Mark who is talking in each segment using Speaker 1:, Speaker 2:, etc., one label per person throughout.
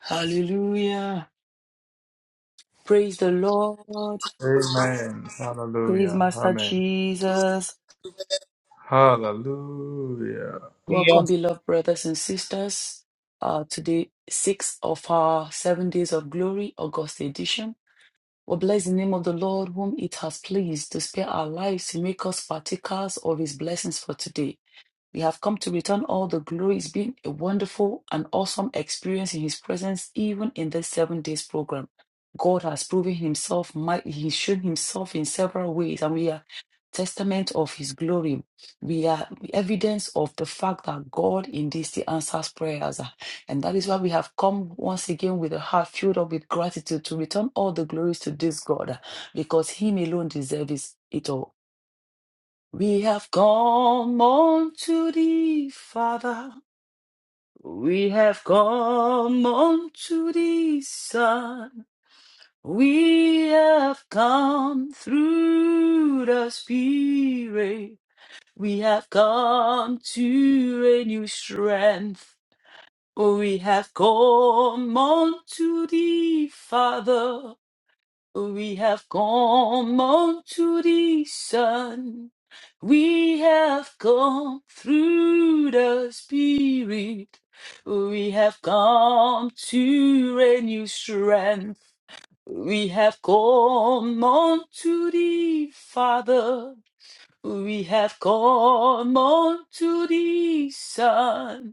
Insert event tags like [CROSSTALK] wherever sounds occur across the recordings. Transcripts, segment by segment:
Speaker 1: Hallelujah. Praise the Lord.
Speaker 2: Amen.
Speaker 1: Praise
Speaker 2: Hallelujah.
Speaker 1: Master
Speaker 2: Amen.
Speaker 1: Jesus.
Speaker 2: Hallelujah.
Speaker 3: via
Speaker 1: Welcome, beloved brothers and sisters. Uh, today, six of our seven days of glory, August edition. We bless the name of the Lord, whom it has pleased to spare our lives to make us partakers of his blessings for today. We have come to return all the glory. It's been a wonderful and awesome experience in His presence, even in this seven days program. God has proven Himself mighty. He's shown Himself in several ways, and we are testament of His glory. We are evidence of the fact that God indeed still answers prayers. And that is why we have come once again with a heart filled up with gratitude to return all the glories to this God, because Him alone deserves it all. We have come unto thee, Father. We have come unto thee, Son. We have come through the Spirit. We have come to a new strength. We have come unto thee, Father. We have come unto the sun. We have come through the Spirit. We have come to renew strength. We have come unto the Father. We have come unto the Son.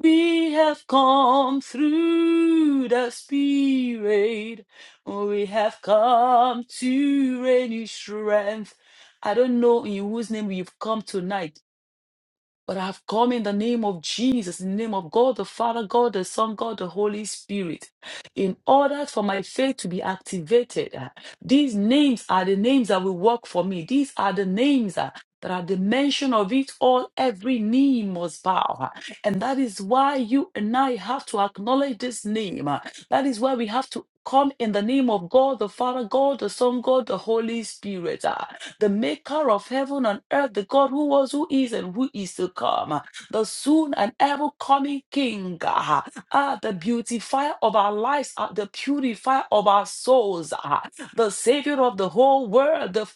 Speaker 1: We have come through the Spirit. We have come to renew strength. I don't know in whose name you've come tonight, but I have come in the name of Jesus, in the name of God the Father, God the Son, God the Holy Spirit, in order for my faith to be activated. uh, These names are the names that will work for me. These are the names uh, that are the mention of it all. Every knee must bow. uh, And that is why you and I have to acknowledge this name. uh, That is why we have to come in the name of God the Father, God the Son, God the Holy Spirit. uh, the maker of heaven and earth, the God who was, who is, and who is to come, the soon and ever coming King, ah, ah, the beautifier of our lives, ah, the purifier of our souls, ah, the Savior of the whole world, the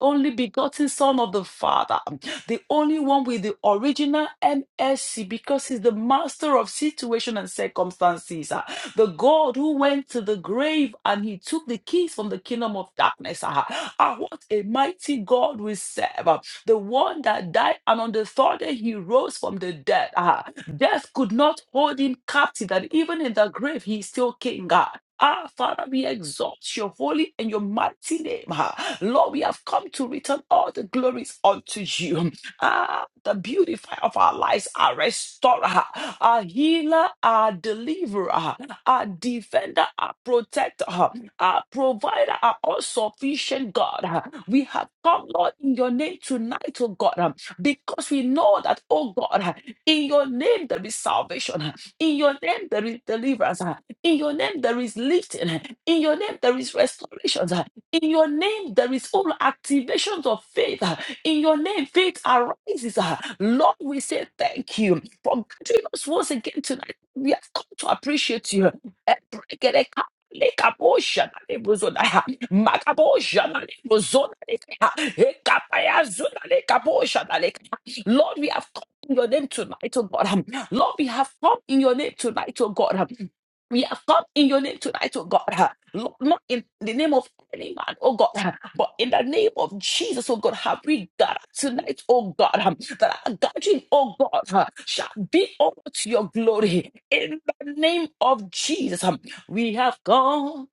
Speaker 1: only begotten Son of the Father, the only one with the original MSC, because He's the master of situation and circumstances the God who went to the grave and he took the keys from the kingdom of darkness. Ah, ah, what a mighty God we serve. Ah, The one that died and on the third day he rose from the dead. Ah, death could not hold him captive, that even in the grave he is still king. Ah, Ah, Father, we exalt your holy and your mighty name. Ah, Lord, we have come to return all the glories unto you. Ah, the beautifier of our lives, our restorer, our healer, our deliverer. Ah, our defender, our protector, our provider, our all sufficient God. We have come, Lord, in your name tonight, oh God, because we know that, oh God, in your name there is salvation, in your name there is deliverance, in your name there is lifting, in your name there is restoration, in your name there is all activations of faith, in your name faith arises. Lord, we say thank you for gathering us once again tonight. We have come to appreciate you. Ebregereka lekabosha na lebozona ya makabosha na lebozona lekaya ekapaya zona lekabosha na lekaya. Lord, we have come in your name tonight, oh God. Um, Lord, we have come in your name tonight, oh God. Um, We have come in your name tonight, oh God. Uh, Lord, not in the name of any man, oh God. But in the name of Jesus, oh God, have we gathered tonight, oh God, um, that our gathering, oh God, uh, shall be all to your glory. In the name of Jesus, um, we have gone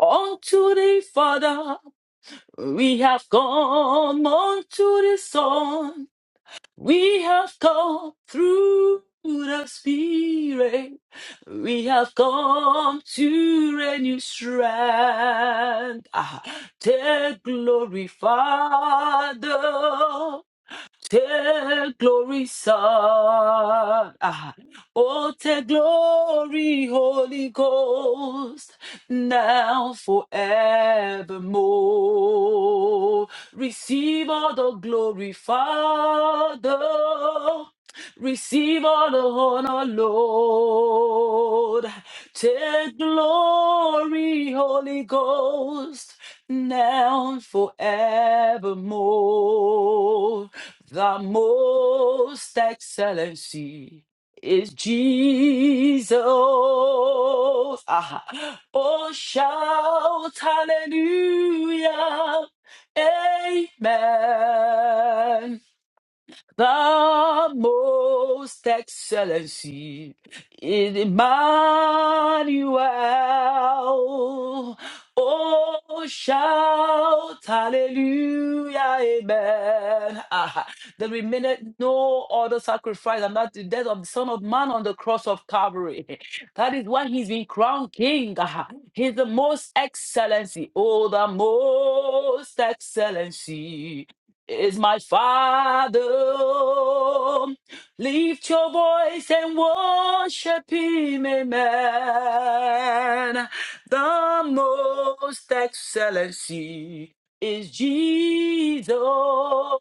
Speaker 1: unto the Father, we have gone unto the Son, we have come through the Spirit. We have come to a new strength. Ah, take glory, Father. Take glory, Son. Ah. Oh, take glory, Holy Ghost, now forevermore. Receive all the glory, Father. Receive all the honor, Lord. Take glory, Holy Ghost, now and forevermore. The most excellency is Jesus. Aha. Oh, shout hallelujah. Amen the most excellency in Emmanuel. Oh, shout hallelujah, amen. Ah, that we no other sacrifice and that the death of the Son of Man on the cross of Calvary. [LAUGHS] That is why he's been crowned king. Ah, he's the most excellency. Oh, the most excellency is my Father. Lift your voice and worship Him, amen. The most excellency is Jesus.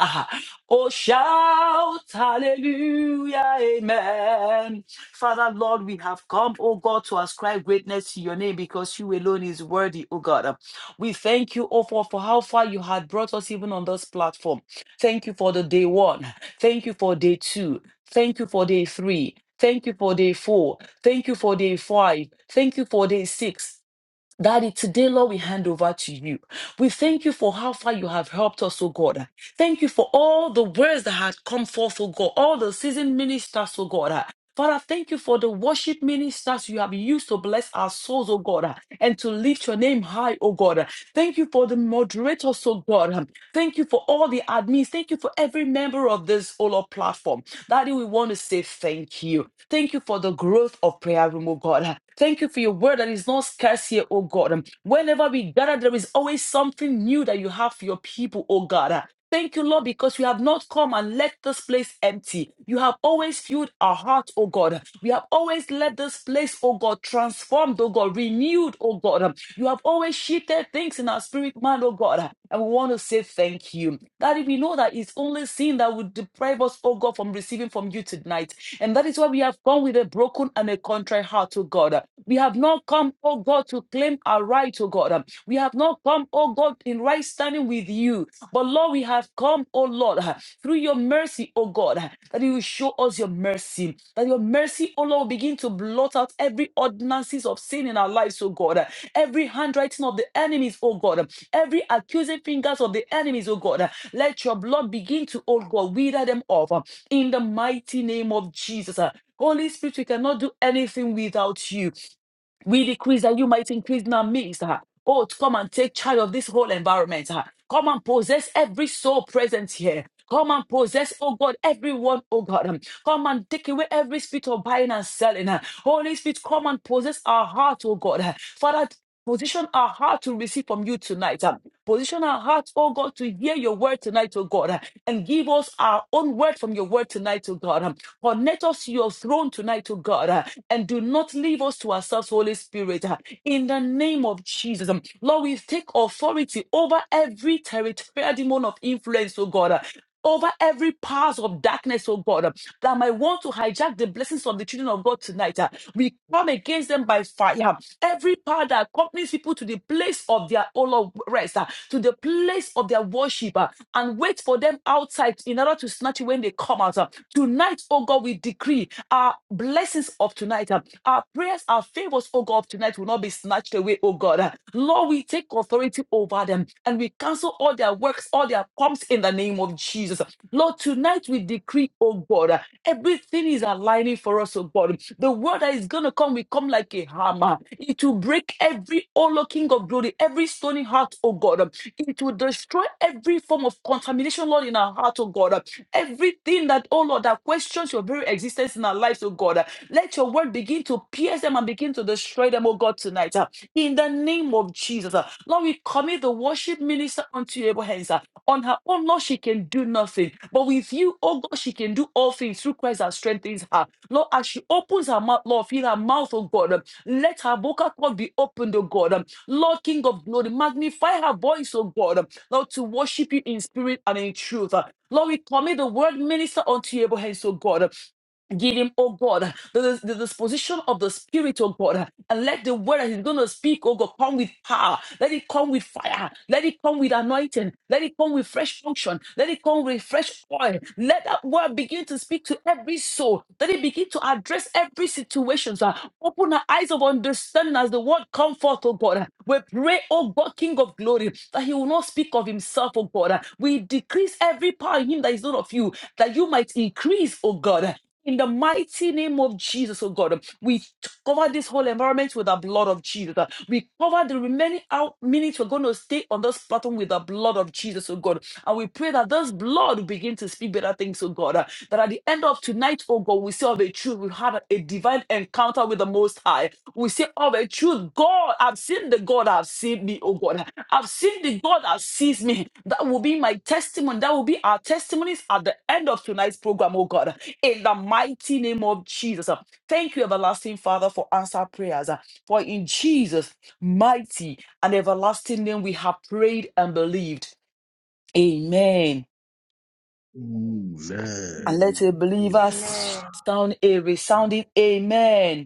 Speaker 1: Ah. Oh, shout hallelujah, amen. Father, Lord, we have come, oh God, to ascribe greatness to your name because you alone is worthy, oh God. We thank you, oh, for, for how far you had brought us even on this platform. Thank you for the day one. Thank you for day two. Thank you for day three. Thank you for day four. Thank you for day five. Thank you for day six. Daddy, today, Lord, we hand over to you. We thank you for how far you have helped us, oh God. Thank you for all the words that had come forth, oh God, all the seasoned ministers, oh God. Father, thank you for the worship ministers you have used to bless our souls, oh God, and to lift your name high, oh God. Thank you for the moderators, oh God. Thank you for all the admins. Thank you for every member of this Olo platform. Daddy, we want to say thank you. Thank you for the growth of prayer room, oh God. Thank you for your word that is not scarce here, oh God. Um, Whenever we gather, there is always something new that you have for your people, oh God. Uh, Thank you, Lord, because you have not come and left this place empty. You have always filled our heart, oh God. We have always let this place, oh God, transformed, oh God, renewed, oh God. Um, you have always shifted things in our spirit, man, oh God. And we want to say thank you. That if we know that it's only sin that would deprive us, oh God, from receiving from you tonight. And that is why we have come with a broken and a contrite heart, oh God. We have not come, oh God, to claim our right, oh God. We have not come, oh God, in right standing with you. But Lord, we have come, oh Lord, through your mercy, oh God, that you will show us your mercy. That your mercy, oh Lord, will begin to blot out every ordinances of sin in our lives, oh God every handwriting of the enemies, oh God, every accusing fingers of the enemies, oh God. Let your blood begin to, oh God, wither them off in the mighty name of Jesus. Holy Spirit, we cannot do anything without you. We decrease that you might increase in our midst. ah. Oh, to come and take charge of this whole environment. ah. Come and possess every soul present here. Come and possess, oh God, everyone, oh God. um, Come and take away every spirit of buying and selling. ah. Holy Spirit, come and possess our heart, oh God. ah. Father, position our heart to receive from you tonight. ah. Position our hearts, oh God, to hear your word tonight, oh God, uh, and give us our own word from your word tonight, oh God. um, Connect us to your throne tonight, oh God, uh, and do not leave us to ourselves, Holy Spirit. uh, In the name of Jesus, um, Lord, we take authority over every territorial demon of influence, oh God. uh, Over every powers of darkness, oh God, uh, that might want to hijack the blessings of the children of God tonight. uh, We come against them by fire. Every power that accompanies people to the place of their all of rest, ah, to the place of their worship, ah, and wait for them outside in order to snatch you when they come out. ah. Tonight, oh God, we decree our blessings of tonight, ah, our prayers, our favors, oh God, of tonight will not be snatched away, oh God. ah. Lord, we take authority over them and we cancel all their works, all their pumps in the name of Jesus. Lord, tonight we decree, oh God. uh, Everything is aligning for us, oh God. The word that is going to come will come like a hammer. It will break every, oh Lord, King of glory, every stony heart, oh God. It will destroy every form of contamination, Lord, in our heart, oh God. Everything that, oh Lord, that questions your very existence in our lives, oh God. Let your word begin to pierce them and begin to destroy them, oh God, tonight. In the name of Jesus. Lord, we commit the worship minister unto your able hands. On her own, Lord, she can do nothing. But with you, oh God, she can do all things through Christ that strengthens her. Lord, as she opens her mouth, Lord, fill her mouth, oh God. Um, Let her vocal cord be opened, oh God. Um, Lord, King of glory, magnify her voice, oh God. Um, Lord, to worship you in spirit and in truth. Uh, Lord, we commit the word minister unto your hands, oh God. Um, Give him, oh God, the, the disposition of the Spirit, oh God, and let the word that He's going to speak, oh God, come with power. Let it come with fire. Let it come with anointing. Let it come with fresh unction. Let it come with fresh oil. Let that word begin to speak to every soul. Let it begin to address every situation. So open our eyes of understanding as the word come forth, oh God. We pray, oh God, King of glory, that He will not speak of Himself, oh God. We decrease every power in Him that is not of you, that you might increase, oh God. In the mighty name of Jesus, oh God, we cover this whole environment with the blood of Jesus. We cover the remaining out minutes we're going to stay on this platform with the blood of Jesus, oh God. And we pray that this blood will begin to speak better things, oh God. That at the end of tonight, oh God, we still have a truth. We have a divine encounter with the Most High. We say, Oh, the truth, God, I've seen the God I've seen me, oh God. I've seen the God that sees me. That will be my testimony. That will be our testimonies at the end of tonight's program, oh God. In the mighty name of Jesus. Thank you, everlasting Father, for answer prayers. For in Jesus' mighty and everlasting name we have prayed and believed. Amen.
Speaker 4: Amen.
Speaker 1: And let
Speaker 5: Amen.
Speaker 1: a believer
Speaker 4: Amen.
Speaker 6: Amen.
Speaker 1: sound a resounding amen.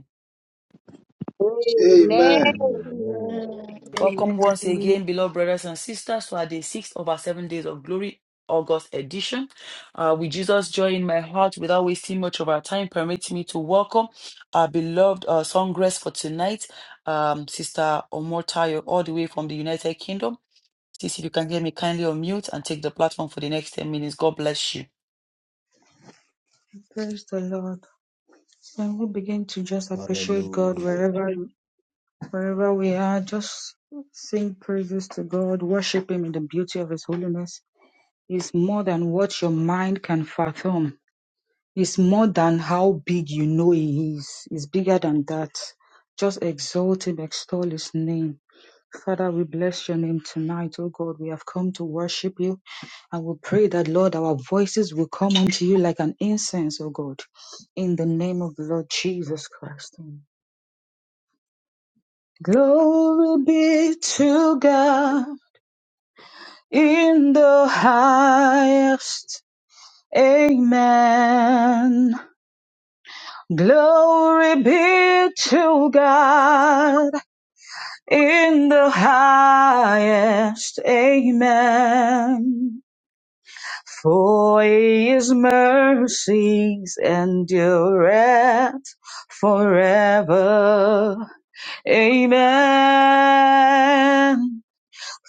Speaker 7: Amen.
Speaker 8: Amen.
Speaker 5: Amen.
Speaker 4: Amen.
Speaker 9: Amen.
Speaker 10: Amen.
Speaker 1: Welcome once
Speaker 10: Amen.
Speaker 1: again, beloved brothers and sisters, to our day six of our seven days of glory, August edition. Uh, with Jesus joy in my heart, without wasting much of our time, permit me to welcome our beloved uh, songstress for tonight, um, Sister Omotayo, all the way from the United Kingdom. Sis, if you can hear me, kindly unmute and take the platform for the next 10 minutes. God bless you.
Speaker 11: Praise the Lord. When we begin to just appreciate God
Speaker 4: Hallelujah.
Speaker 11: wherever wherever we are, just sing praises to God, worship Him in the beauty of His holiness. It's more than what your mind can fathom. It's more than how big you know He is. It's bigger than that. Just exalt Him, extol His name. Father, we bless your name tonight, oh God. We have come to worship you and we pray that, Lord, our voices will come unto you like an incense, oh God, in the name of the Lord Jesus Christ. Glory be to God in the highest. Amen. Glory be to God in the highest. Amen. For his mercies endureth forever. Amen.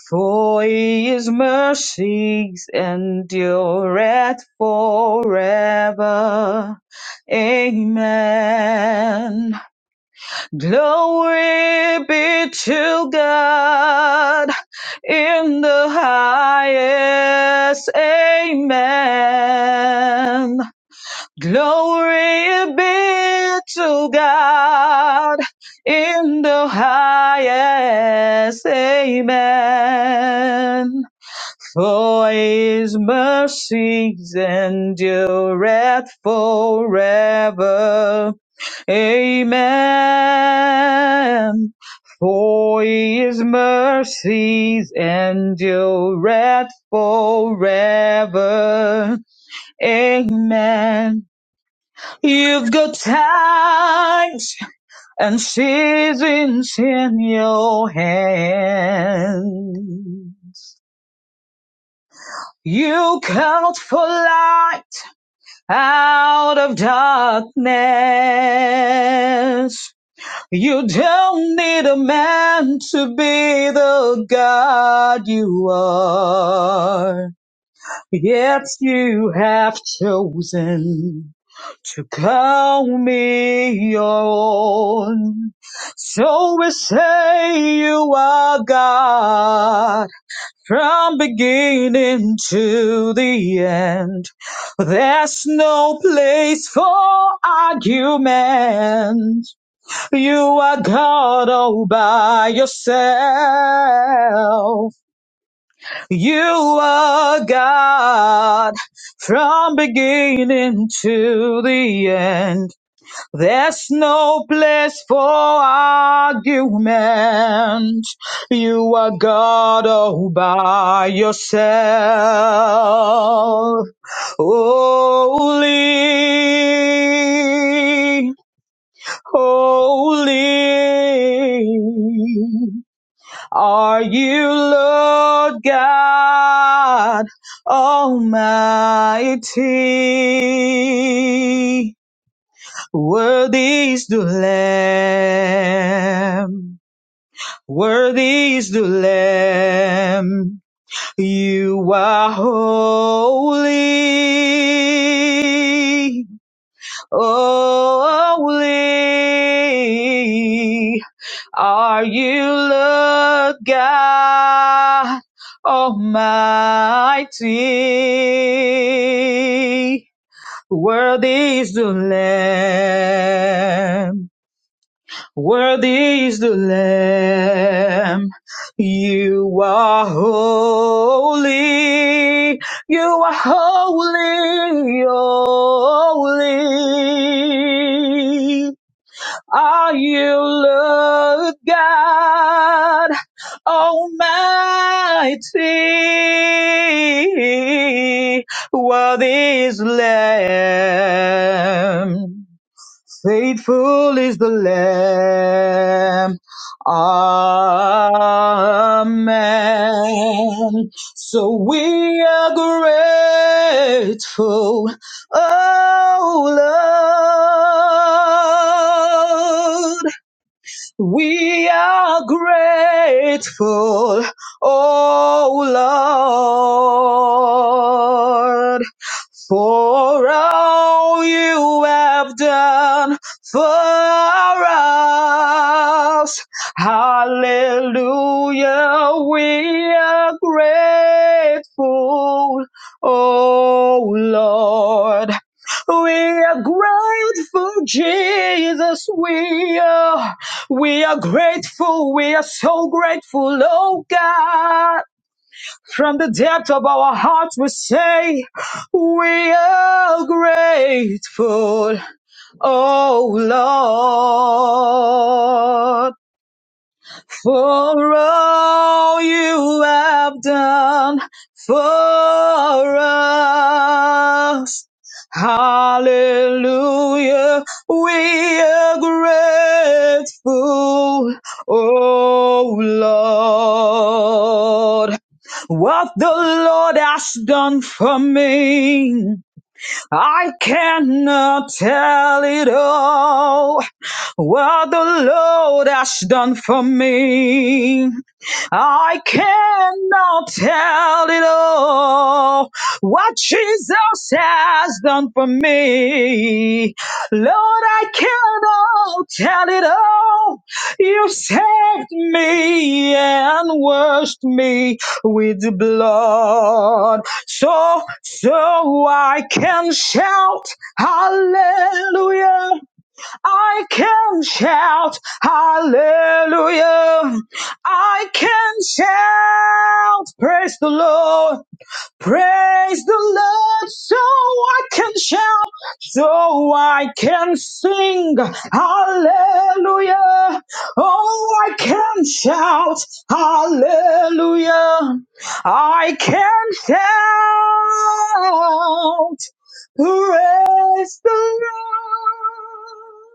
Speaker 11: For his mercies endureth forever. Amen. Glory be to God in the highest. Amen. Glory be to God in the highest. Amen. For his mercies endureth forever. Amen. For his mercies endureth forever. Amen. You've got times and seasons in your hand. You count for life out of darkness. You don't need a man to be the God you are. Yet you have chosen to call me your own. So we say you are God from beginning to the end, there's no place for argument. You are God all by yourself. You are God from beginning to the end. There's no place for argument. You are God all by yourself. Holy, holy. Are you Lord God Almighty? Worthy is the Lamb. Worthy is the Lamb. You are holy. Holy. Are you Lord God Almighty? Worthy is the Lamb. Worthy is the Lamb. You are holy. You are holy, holy. Are you Lord God Almighty? Worthy is the Lamb. Faithful is the Lamb. Amen. So we are grateful. Oh, Lord. We are grateful, oh Lord, for all you have done for us. Hallelujah, we are grateful, oh Lord. We are grateful, Jesus. We are. We are grateful. We are so grateful, oh God. From the depth of our hearts, we say, We are grateful, oh Lord. For all you have done for us. Hallelujah. We are grateful. Oh Lord. What the Lord has done for me. I cannot tell it all what the Lord has done for me. I cannot tell it all what Jesus has done for me. Lord, I cannot tell it all. You saved me and washed me with the blood so so I can shout hallelujah. I can shout hallelujah. I can shout praise the Lord. Praise the Lord, so I can shout, so I can sing, hallelujah. Oh, I can shout, hallelujah. I can shout, praise the Lord,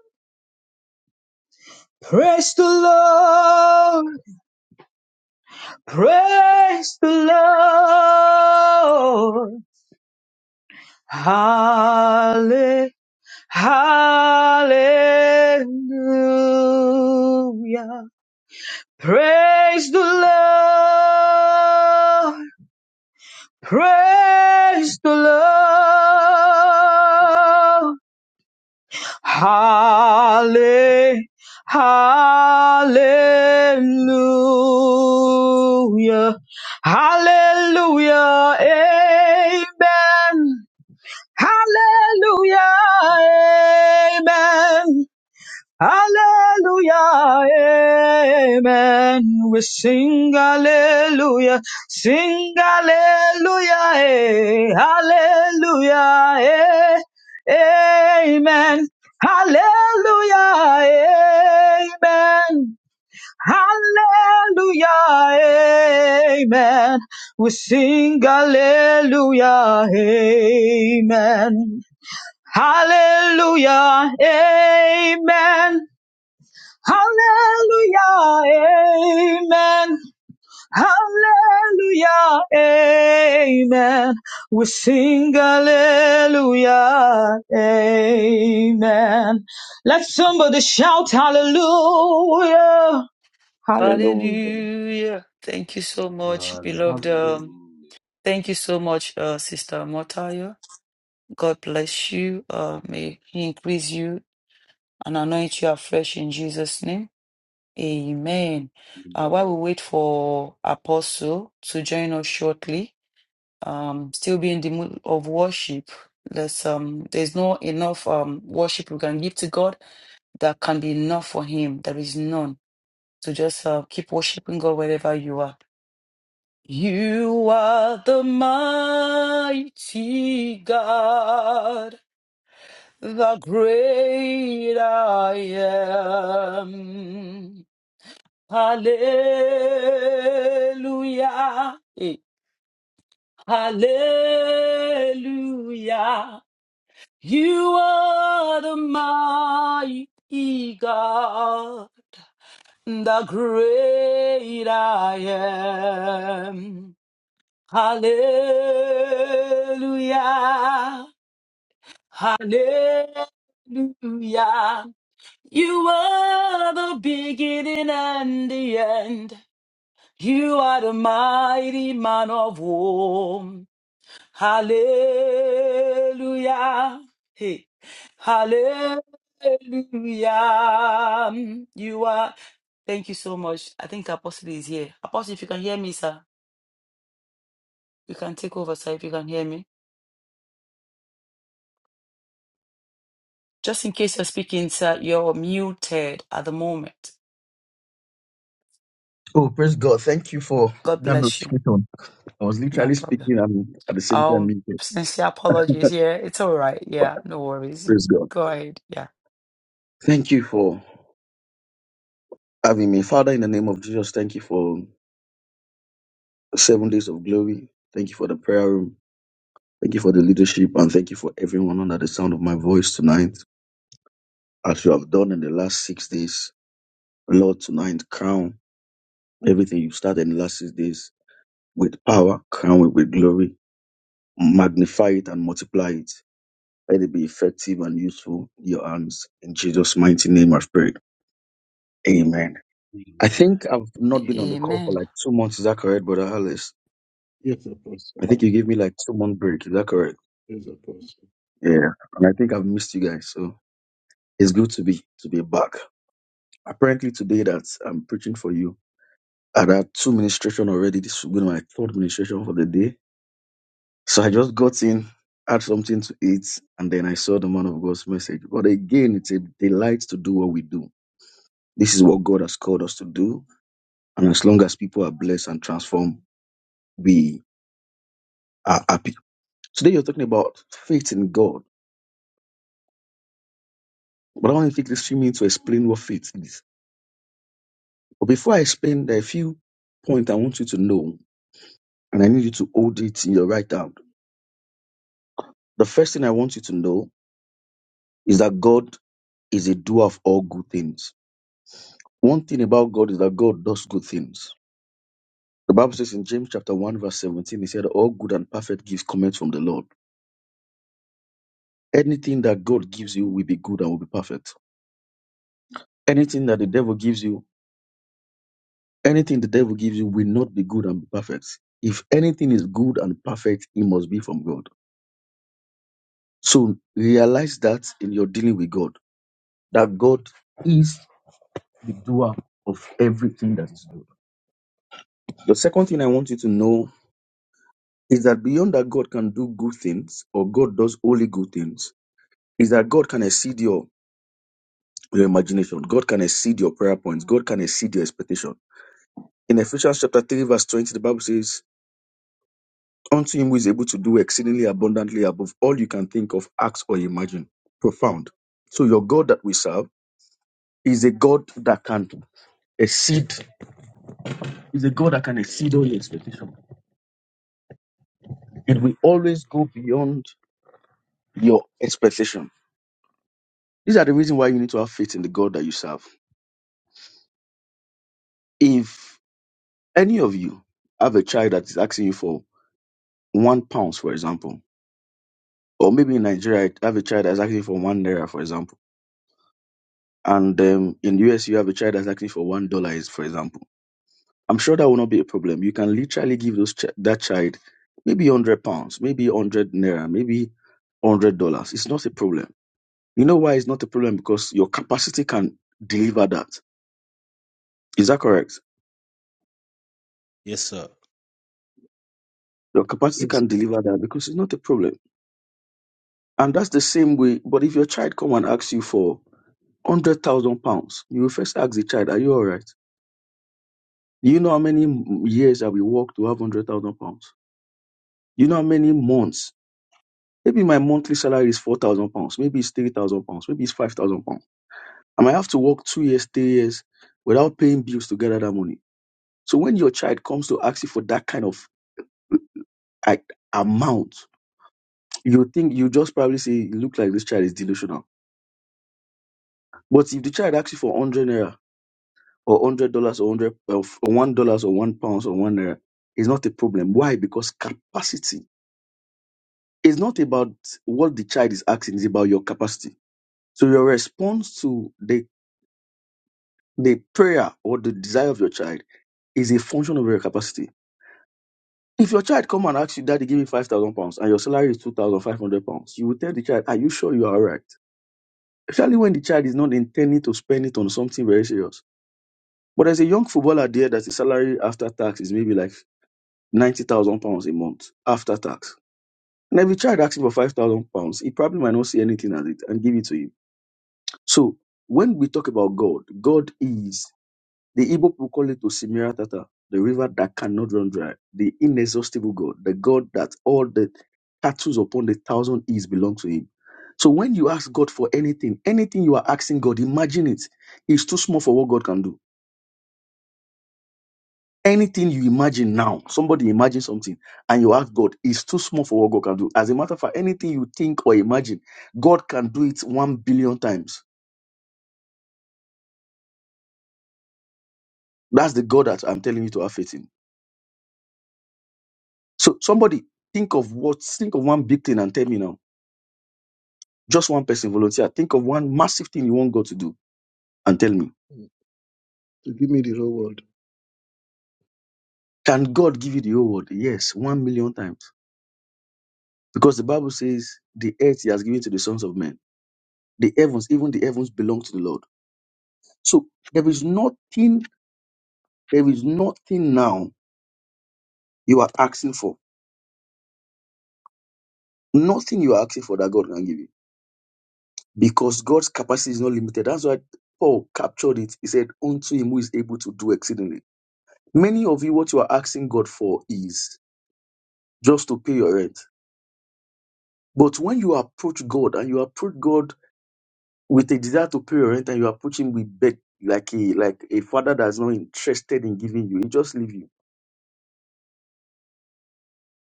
Speaker 11: praise the Lord, praise the Lord. Hallelujah! Hallelujah. Praise the Lord. Praise the Lord. Halle- Hallelujah. Hallelujah. Amen. Hallelujah. Amen. Hallelujah, amen. We sing hallelujah, sing hallelujah, eh, hallelujah, eh, amen. Hallelujah, amen. Hallelujah, amen. We sing hallelujah, amen. Hallelujah, amen. Hallelujah, amen. Hallelujah, amen. We sing hallelujah, amen. Let somebody shout hallelujah, hallelujah.
Speaker 1: Hallelujah. Thank you so much, beloved.
Speaker 2: Hallelujah.
Speaker 1: Um,
Speaker 4: Hallelujah.
Speaker 1: thank you so much, uh, Sister Motaya. God bless you. Uh, may He increase you and anoint you afresh in Jesus' name. Amen. Uh,
Speaker 4: Amen.
Speaker 1: while we wait for Apostle to join us shortly, um, still be in the mood of worship. There's um, there's no enough um worship we can give to God that can be enough for Him. There is none. So just uh, keep worshiping God wherever you are You are the mighty God, the great I am. Hallelujah. Eh, Hallelujah. You are the mighty God, the great I am. Hallelujah. Hallelujah. You are the beginning and the end. You are the mighty man of war. Hallelujah. Hey. Hallelujah. You are. Thank you so much. I think Apostle is here. Apostle, if you can hear me, sir, you can take over, sir, if you can hear me. Just in case you're speaking, sir, you're muted at the moment.
Speaker 12: Oh, praise God. Thank you for
Speaker 1: God
Speaker 12: that
Speaker 1: bless you.
Speaker 12: notification. I was
Speaker 1: No
Speaker 12: literally
Speaker 1: problem.
Speaker 12: speaking and at the same time
Speaker 1: Um,
Speaker 12: meeting.
Speaker 1: sincere apologies. Yeah, it's all right.
Speaker 12: But
Speaker 1: Yeah, no worries.
Speaker 12: praise God.
Speaker 1: Go ahead. Yeah.
Speaker 12: Thank you for having me. Father, in the name of Jesus, thank you for seven days of glory. Thank you for the prayer room. Thank you for the leadership and thank you for everyone under the sound of my voice tonight. As you have done in the last six days, Lord, tonight crown everything you started in the last six days with power, crown it with glory, magnify it and multiply it. Let it be effective and useful in your hands. In Jesus' mighty name, I've prayed. Amen. I
Speaker 4: Amen.
Speaker 12: think I've not been on the call for
Speaker 1: Amen.
Speaker 12: like two months. Is that correct, Brother Alice?
Speaker 5: Yes, Apostle.
Speaker 12: I think you gave me like two month break. Is that correct?
Speaker 5: Yes, Apostle.
Speaker 12: Yeah. And I think I've missed you guys. So it's good to be to be back. Apparently today that I'm preaching for you. I had two ministration already. This will be my third ministration for the day. So I just got in, had something to eat, and then I saw the man of God's message. But again, it's a delight to do what we do This is what God has called us to do. And as long as people are blessed and transformed, we are happy. Today you're talking about faith in God. But I want to take this few minutes to explain what faith is. But before I explain, there are a few points I want you to know, and I need you to hold it in your right hand. The first thing I want you to know is that God is a doer of all good things. One thing about God is that God does good things. The Bible says in James chapter 1, verse 17, he said, All good and perfect gifts come from the Lord. Anything that God gives you will be good and will be perfect. Anything that the devil gives you, anything the devil gives you will not be good and be perfect. If anything is good and perfect, it must be from God. So realize that in your dealing with God, that God is the doer of everything that is good. The second thing I want you to know is that beyond that God can do good things or God does only good things, is that God can exceed your, your imagination. God can exceed your prayer points. God can exceed your expectation. In Ephesians chapter 3, verse 20, the Bible says, Unto him who is able to do exceedingly abundantly above all you can think of, ask, or imagine. Profound. So your God that we serve is a God that can exceed, is a God that can exceed all your expectation. It will always go beyond your expectation. These are the reason why you need to have faith in the God that you serve. If any of you have a child that is asking you for one pound, for example, or maybe in Nigeria, I have a child that is asking for one naira, for example and um, in US you have a child that's asking for one dollar, is for example, I'm sure that will not be a problem. You can literally give those ch- that child maybe hundred pounds, maybe hundred naira, maybe hundred dollars. It's not a problem. You know why it's not a problem? Because your capacity can deliver that. Is that correct?
Speaker 4: Yes, sir.
Speaker 12: Your capacity
Speaker 5: Yes.
Speaker 12: can
Speaker 5: Apostle.
Speaker 12: deliver that because it's not a problem. And that's the same way. But if your child come and asks you for hundred thousand pounds, you will first ask the child, "Are you all right?" Do you know how many m- years have we worked to have hundred thousand pounds? You know how many months? Maybe my monthly salary is four thousand pounds. Maybe it's three thousand pounds. Maybe it's five thousand pounds. I might have to work two years, three years without paying bills to gather that money. So when your child comes to ask you for that kind of like, amount, you think you just probably say, "It "Look like this child is delusional." But if the child asks you for hundred naira or hundred dollars or hundred or one dollars or one pounds or one naira, it's not a problem. Why? Because capacity is not about what the child is asking; it's about your capacity. So your response to the the prayer or the desire of your child is a function of your capacity. If your child come and ask you, Daddy, give me five thousand pounds, and your salary is two thousand five hundred pounds, you will tell the child, Are you sure you are all right? Especially when the child is not intending to spend it on something very serious. But there's a young footballer there that his salary after tax is maybe like ninety thousand pounds a month after tax. And if the child asks you for five thousand pounds, he probably might not see anything as it and give it to you. So when we talk about God, God is The Igbo people call it Osimiri Tata, the river that cannot run dry, the inexhaustible God, the God that all the tattoos upon the thousand hills belong to him. So when you ask God for anything, anything you are asking God, imagine it. It's too small for what God can do. Anything you imagine now, somebody imagine something and you ask God, it's too small for what God can do. As a matter of fact, anything you think or imagine, God can do it one billion times. That's the God that I'm telling you to have faith in. So somebody think of what, think of one big thing and tell me now Just one person volunteer. Think of one massive thing you want God to do and tell me.
Speaker 5: So give me the whole world.
Speaker 12: Can God give you the whole world? Yes, one million times. Because the Bible says the earth he has given to the sons of men. The heavens, even the heavens belong to the Lord. So there is nothing, there is nothing now you are asking for. Nothing you are asking for that God can give you. Because God's capacity is not limited. That's why Paul captured it. He said, Unto him who is able to do exceedingly. Many of you, what you are asking God for is just to pay your rent But when you approach God and you approach God with a desire to pay your rent and you approach him with beg like a like a father that's not interested in giving you, he just leave you.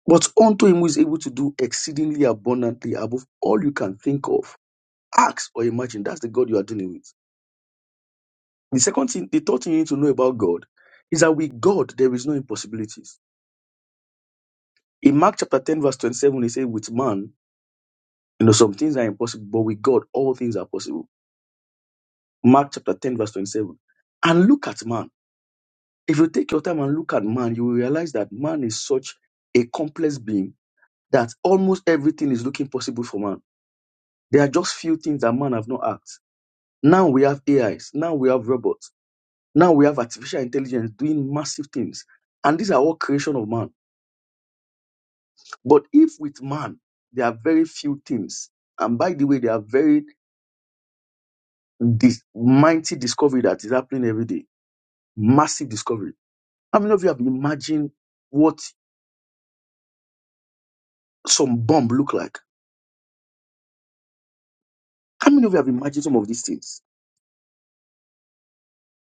Speaker 12: But unto him who is able to do exceedingly abundantly above all you can think of, ask or imagine. That's the God you are dealing with. The second thing, the third thing you need to know about God is that with God there is no impossibilities. In Mark chapter 10, verse 27, he says, with man, you know, some things are impossible, but with God all things are possible. Mark chapter 10, verse 27. And look at man. If you take your time and look at man, you will realize that man is such a complex being that almost everything is looking possible for man. There are just few things that man have not asked. Now we have AIs, now we have robots, now we have artificial intelligence doing massive things. And these are all creation of man. But if with man, there are very few things. And by the way, there are very this mighty discovery that is happening every day. Massive discovery. How many of you have imagined what some bomb look like? How many of you have imagined some of these things?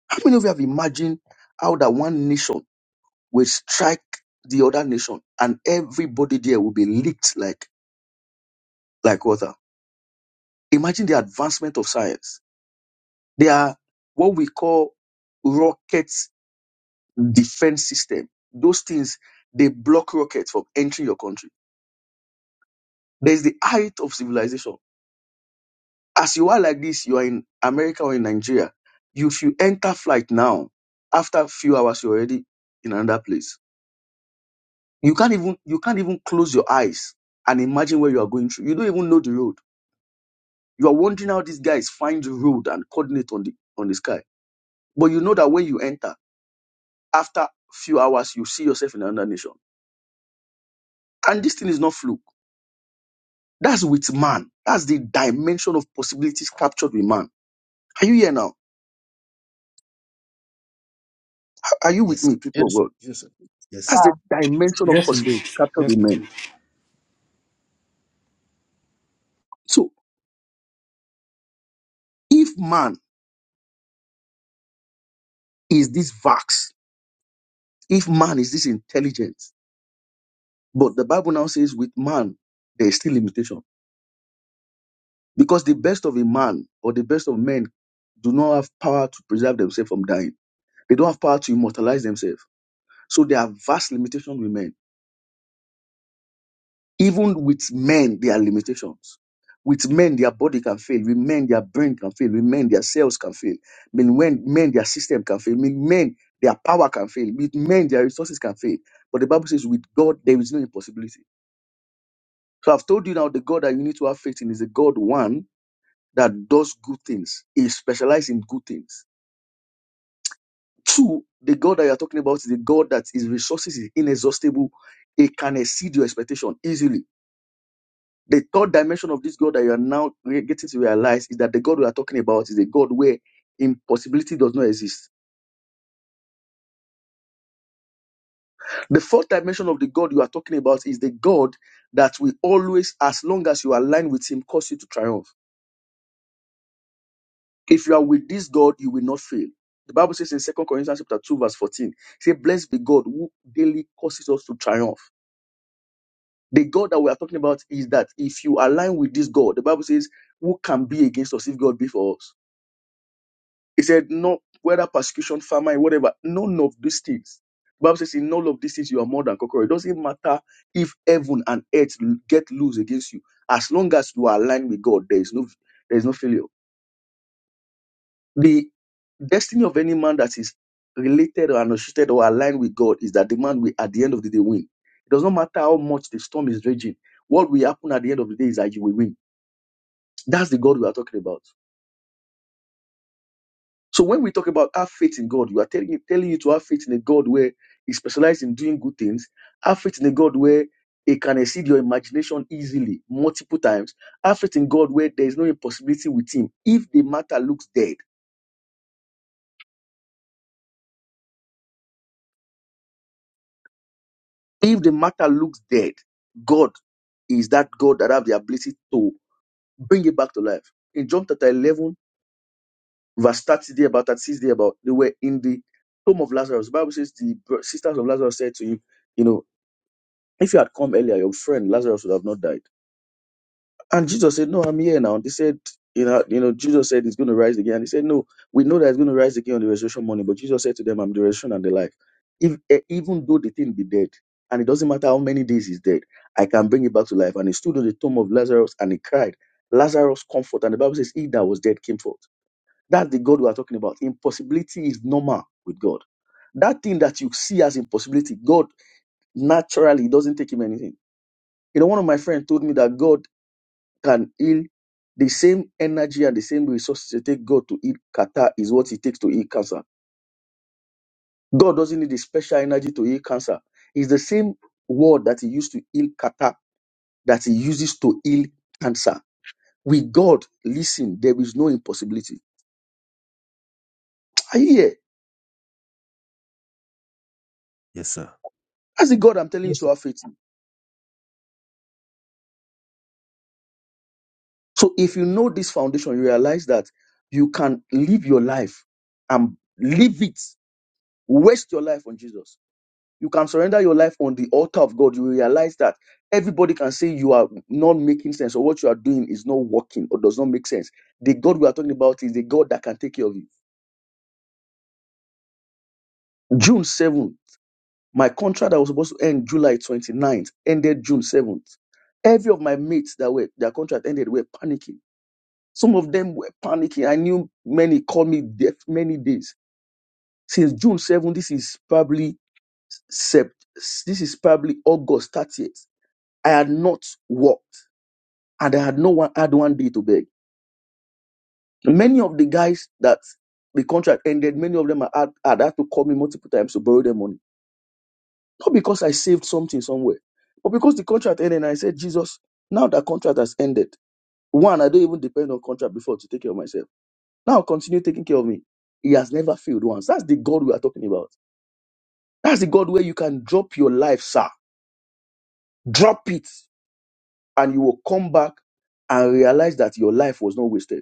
Speaker 12: How many of you have imagined how that one nation will strike the other nation and everybody there will be licked like, like water? Imagine the advancement of science. They are what we call rocket defense system. Those things, they block rockets from entering your country. There's the height of civilization. As you are like this, you are in America or in Nigeria. If you enter flight now, after a few hours, you're already in another place You can't even you can't even close your eyes and imagine where you are going through. You don't even know the road. You are wondering how these guys find the road and coordinate on the on the sky. But you know that when you enter, after a few hours, you see yourself in another nation. And this thing is not fluke. That's with man. That's the dimension of possibilities captured with man. Are you here now? Are you
Speaker 4: Yes,
Speaker 12: with
Speaker 4: sir.
Speaker 12: me, people of
Speaker 5: Yes,
Speaker 12: God?
Speaker 5: yes,
Speaker 4: Yes,
Speaker 12: That's
Speaker 4: sir.
Speaker 12: the
Speaker 13: sir.
Speaker 12: dimension of
Speaker 2: Yes, indeed.
Speaker 12: possibilities captured
Speaker 2: Yes,
Speaker 12: with men.
Speaker 2: indeed.
Speaker 12: So if man is this vax, if man is this intelligent, But the Bible now says with man, there is still limitation. Because the best of a man or the best of men do not have power to preserve themselves from dying. They don't have power to immortalize themselves. So there are vast limitations with men. Even with men, there are limitations. With men, their body can fail. With men, their brain can fail. With men, their cells can fail. With men, men, their system can fail. With men, their power can fail. With men, their resources can fail. But the Bible says, with God, there is no impossibility. So I've told you now the God that you need to have faith in is a God one that does good things. He specializes in good things. Two, the God that you're talking about is the God that his resources is inexhaustible. It can exceed your expectation easily. The third dimension of this God that you are now re- getting to realize is that the God we are talking about is a God where impossibility does not exist. The fourth dimension of the God you are talking about is the God that will always, as long as you align with Him, cause you to triumph. If you are with this God, you will not fail. The Bible says in Second Corinthians chapter 2, verse 14, say, Blessed be God who daily causes us to triumph. The God that we are talking about is that if you align with this God, the Bible says, Who can be against us if God be for us? He said, No, whether persecution, famine, whatever, none of these things. The Bible says, In all of these things, you are more than conqueror. It doesn't matter if heaven and earth get loose against you. As long as you are aligned with God, there is no there is no failure. The destiny of any man that is related or associated or aligned with God is that the man will, at the end of the day, win. It does not matter how much the storm is raging. What will happen at the end of the day is that you will win. That's the God we are talking about. So when we talk about have faith in God, we are telling telling you to have faith in a God where He specializes in doing good things. Have faith in a God where He can exceed your imagination easily, multiple times. Have faith in God where there is no impossibility with Him. If the matter looks dead If the matter looks dead, God is that God that have the ability to bring it back to life. In John chapter 11, verse 30 there about 36 there about, they were in the tomb of Lazarus. The Bible says the br- sisters of Lazarus said to him, you know, if you had come earlier, your friend Lazarus would have not died. And Jesus said, No, I'm here now. They said, you know, you know, Jesus said he's going to rise again. And they said, No, we know that he's going to rise again on the resurrection morning. But Jesus said to them, I'm the resurrection and the life. If eh, even though the thing be dead, and it doesn't matter how many days he's dead, I can bring it back to life. And he stood on the tomb of Lazarus and he cried, Lazarus, comfort. And the Bible says, He that was dead came forth. That's the God we are talking about. Impossibility is normal with God. That thing that you see as impossibility, God naturally it doesn't take him anything. You know, one of my friends told me that God can heal the same energy and the same resources it take God to heal Qatar is what it takes to heal cancer. God doesn't need a special energy to heal cancer. It's the same word that He used to heal Qatar that He uses to heal cancer. With God, listen, there is no impossibility. [TSK] Are you here?
Speaker 4: Yes, sir.
Speaker 12: That's the God I'm telling you
Speaker 5: yes,
Speaker 12: to have faith in. So if you know this foundation, you realize that you can live your life and live it, waste your life on Jesus you can surrender your life on the altar of God, you realize that everybody can say you are not making sense or what you are doing is not working or does not make sense. The God we are talking about is the God that can take care of you. June 7th, my contract that was supposed to end July twenty ninth ended June 7th. Every of my mates that were their contract ended were panicking. Some of them were panicking. I knew many called me deaf many days. Since June 7th, this is probably Sept, this is probably August 30th. I had not worked. and I had no one had one day to beg. Many of the guys that the contract ended, many of them had, had had to call me multiple times to borrow their money. Not because I saved something somewhere, but because the contract ended and I said, Jesus, now that contract has ended. One, I don't even depend on contract before to take care of myself. Now continue taking care of me. He has never failed once. That's the God we are talking about. That's the God where you can drop your life, sir. Drop it. And you will come back and realize that your life was not wasted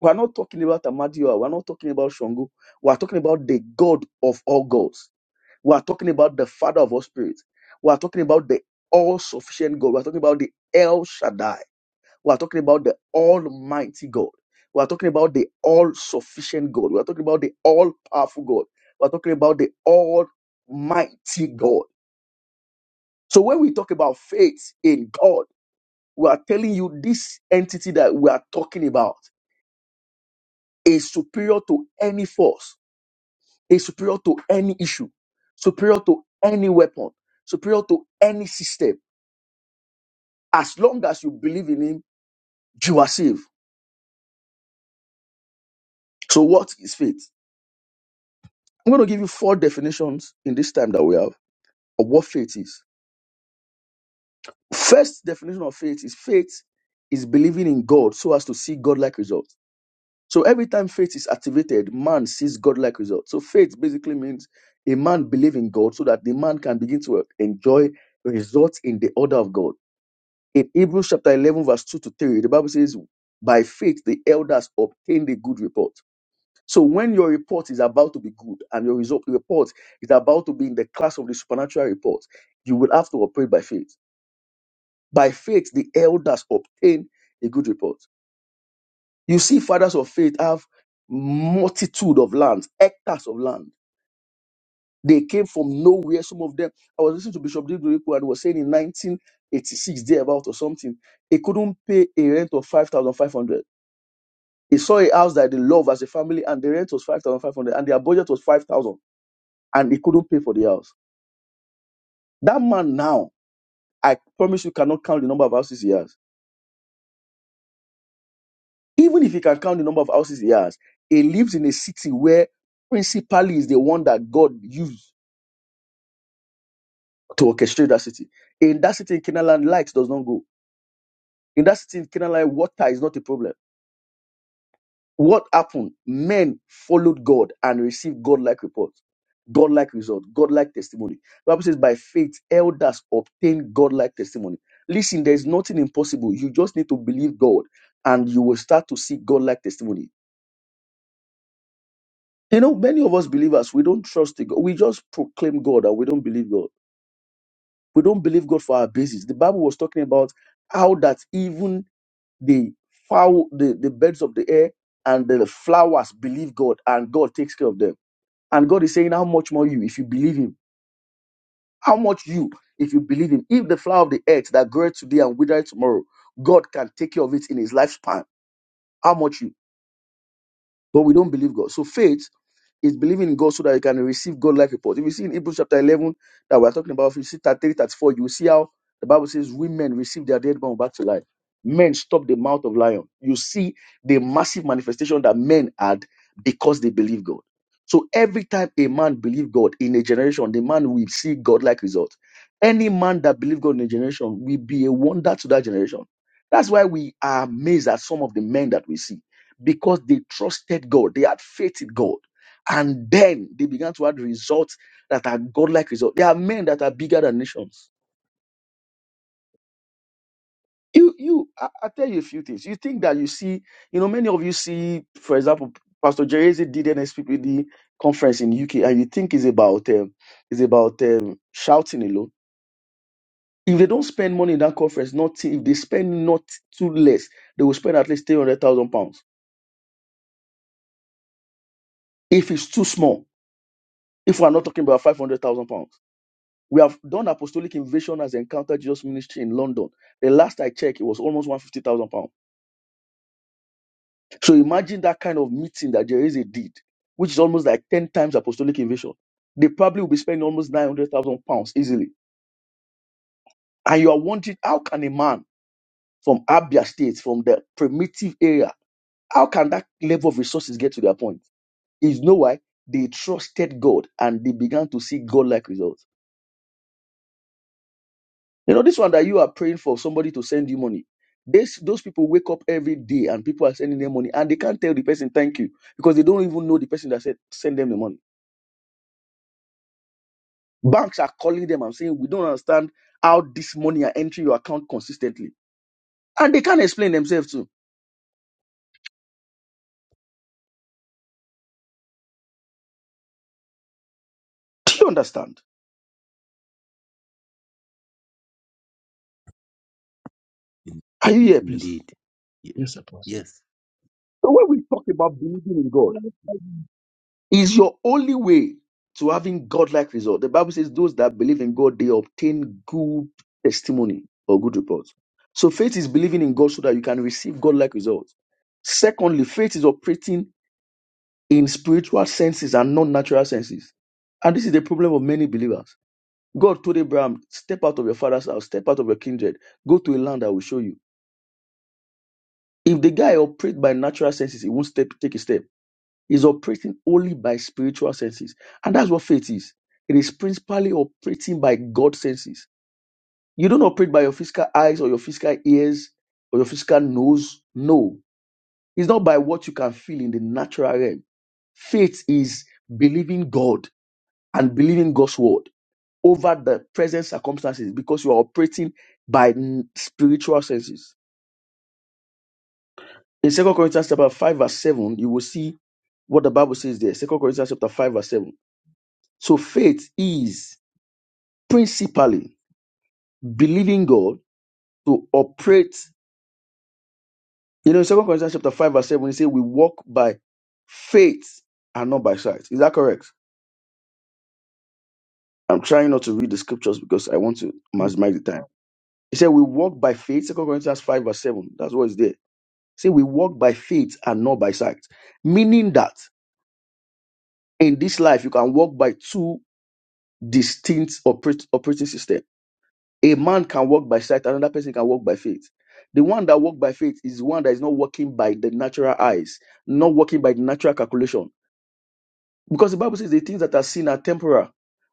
Speaker 12: We're not talking about Amadioa. We're not talking about Shango. We're talking about the God of all gods. We're talking about the Father of all spirits. We're talking about the all sufficient God. We're talking about the El Shaddai. We're talking about the Almighty God. We're talking about the all sufficient God. We're talking about the all powerful God. We're talking about the Almighty God. So when we talk about faith in God, we are telling you this entity that we are talking about is superior to any force is superior to any issue, superior to any weapon, superior to any system. As long as you believe in Him, you are saved. So, what is faith? I'm going to give you four definitions in this time that we have of what faith is. First definition of faith is faith is believing in God so as to see God-like results. So every time faith is activated, man sees God-like results. So faith basically means a man believe in God so that the man can begin to enjoy results in the order of God. in Hebrews chapter 11, verse 2 to 3, the Bible says, By faith the elders obtained a good report. So when your report is about to be good and your result report is about to be in the class of the supernatural report, you will have to operate by faith. By faith, the elders obtain a good report. You see, fathers of faith have multitude of lands, hectares of land. They came from nowhere. Some of them, I was listening to Bishop Digberipo and he was saying in 1986, thereabout or something, they couldn't pay a rent of 5,500 He saw a house that they love as a family, and the rent was 5,500, and their budget was 5,000, and he couldn't pay for the house. That man now, I promise you, cannot count the number of houses he has. Even if he can count the number of houses he has, he lives in a city where principally is the one that God used to orchestrate that city. In that city in Canaan land, lights does not go. In that city in Canaan land, water is not a problem What happened? Men followed God and received God-like report, God-like result, God-like testimony. The Bible says, by faith, elders obtain God-like testimony. Listen, there is nothing impossible. You just need to believe God, and you will start to see God-like testimony. You know, many of us believers, we don't trust in God. We just proclaim God and we don't believe God. We don't believe God for our basis. The Bible was talking about how that even the fowl, the, the birds of the air and the flowers believe God and God takes care of them And God is saying, How much more you if you believe Him? How much you if you believe Him? If the flower of the earth that groweth today and withereth tomorrow, God can take care of it in His lifespan. How much you? but we don't believe God. So faith is believing in God so that you can receive God like report. If you see in Hebrews chapter 11 that we're talking about, if you see 33, 34, you will see how the Bible says women receive their dead born back to life. Men stop the mouth of lion. You see the massive manifestation that men had because they believe God. So every time a man believe God in a generation, the man will see God-like result. Any man that believe God in a generation will be a wonder to that generation. That's why we are amazed at some of the men that we see because they trusted God, they had faith in God, and then they began to have results that are godlike results. There are men that are bigger than nations. You, you, I, I tell you a few things. You think that you see, you know, many of you see, for example, Pastor Jerezi did an SPPD conference in UK, and you think it's about um, it's about um, shouting alone. If they don't spend money in that conference, nothing. If they spend not too less, they will spend at least three hundred thousand pounds. If it's too small, if we are not talking about five hundred thousand pounds. We have done apostolic invasion as encounter Jesus ministry in London. The last I checked, it was almost 150,000 pounds. So imagine that kind of meeting that Jerezi did, which is almost like 10 times apostolic invasion. They probably will be spending almost 900,000 pounds easily. And you are wondering, how can a man from Abia State, from the primitive area, how can that level of resources get to their point? Is no why they trusted God and they began to see God like results. You know, this one that you are praying for somebody to send you money. This, those people wake up every day and people are sending them money and they can't tell the person thank you because they don't even know the person that said send them the money. Banks are calling them and saying, We don't understand how this money are entering your account consistently. And they can't explain themselves too. Do you understand?
Speaker 4: In-
Speaker 12: Are you here, please?
Speaker 5: yes,
Speaker 4: indeed. Ye-
Speaker 5: yes, Apostle.
Speaker 4: Yes.
Speaker 12: So when we talk about believing in God, is your only way to having godlike result. The Bible says those that believe in God, they obtain good testimony or good reports. So faith is believing in God so that you can receive godlike results. Secondly, faith is operating in spiritual senses and non-natural senses. And this is the problem of many believers. God told Abraham, step out of your father's house, step out of your kindred, go to a land I will show you. If the guy operates by natural senses, he won't step, take a step. is operating only by spiritual senses. And that's what faith is. It is principally operating by God's senses. You don't operate by your physical eyes or your physical ears or your physical nose. No. It's not by what you can feel in the natural realm. Faith is believing God and believing God's word over the present circumstances because you are operating by n- spiritual senses. In Second Corinthians chapter 5, verse 7, you will see what the Bible says there. Second Corinthians chapter 5, verse 7. So faith is principally believing God to operate. You know, in Second Corinthians chapter 5, verse 7, he say we walk by faith and not by sight. Is that correct? I'm trying not to read the scriptures because I want to maximize the time. He said we walk by faith, Second Corinthians 5, verse 7. That's what is there. Say we walk by faith and not by sight. Meaning that in this life you can walk by two distinct operate, operating systems A man can walk by sight, another person can walk by faith. The one that walks by faith is one that is not walking by the natural eyes, not walking by the natural calculation. Because the Bible says the things that are seen are temporal,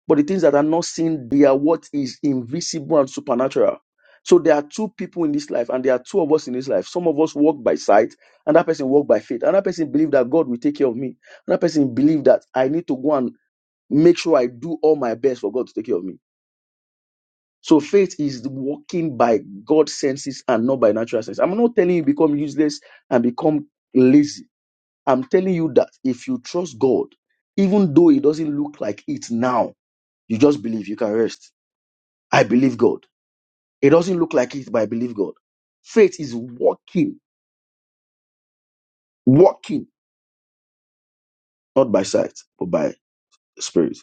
Speaker 12: but the things that are not seen, they are what is invisible and supernatural. So there are two people in this life, and there are two of us in this life. Some of us walk by sight, and that person walk by faith. Another person believe that God will take care of me. Another person believe that I need to go and make sure I do all my best for God to take care of me. So faith is walking by God's senses and not by natural sense. I'm not telling you become useless and become lazy. I'm telling you that if you trust God, even though it doesn't look like it now, you just believe you can rest. I believe God. It doesn't look like it, but I believe God. Faith is walking, walking, not by sight, but by the spirit.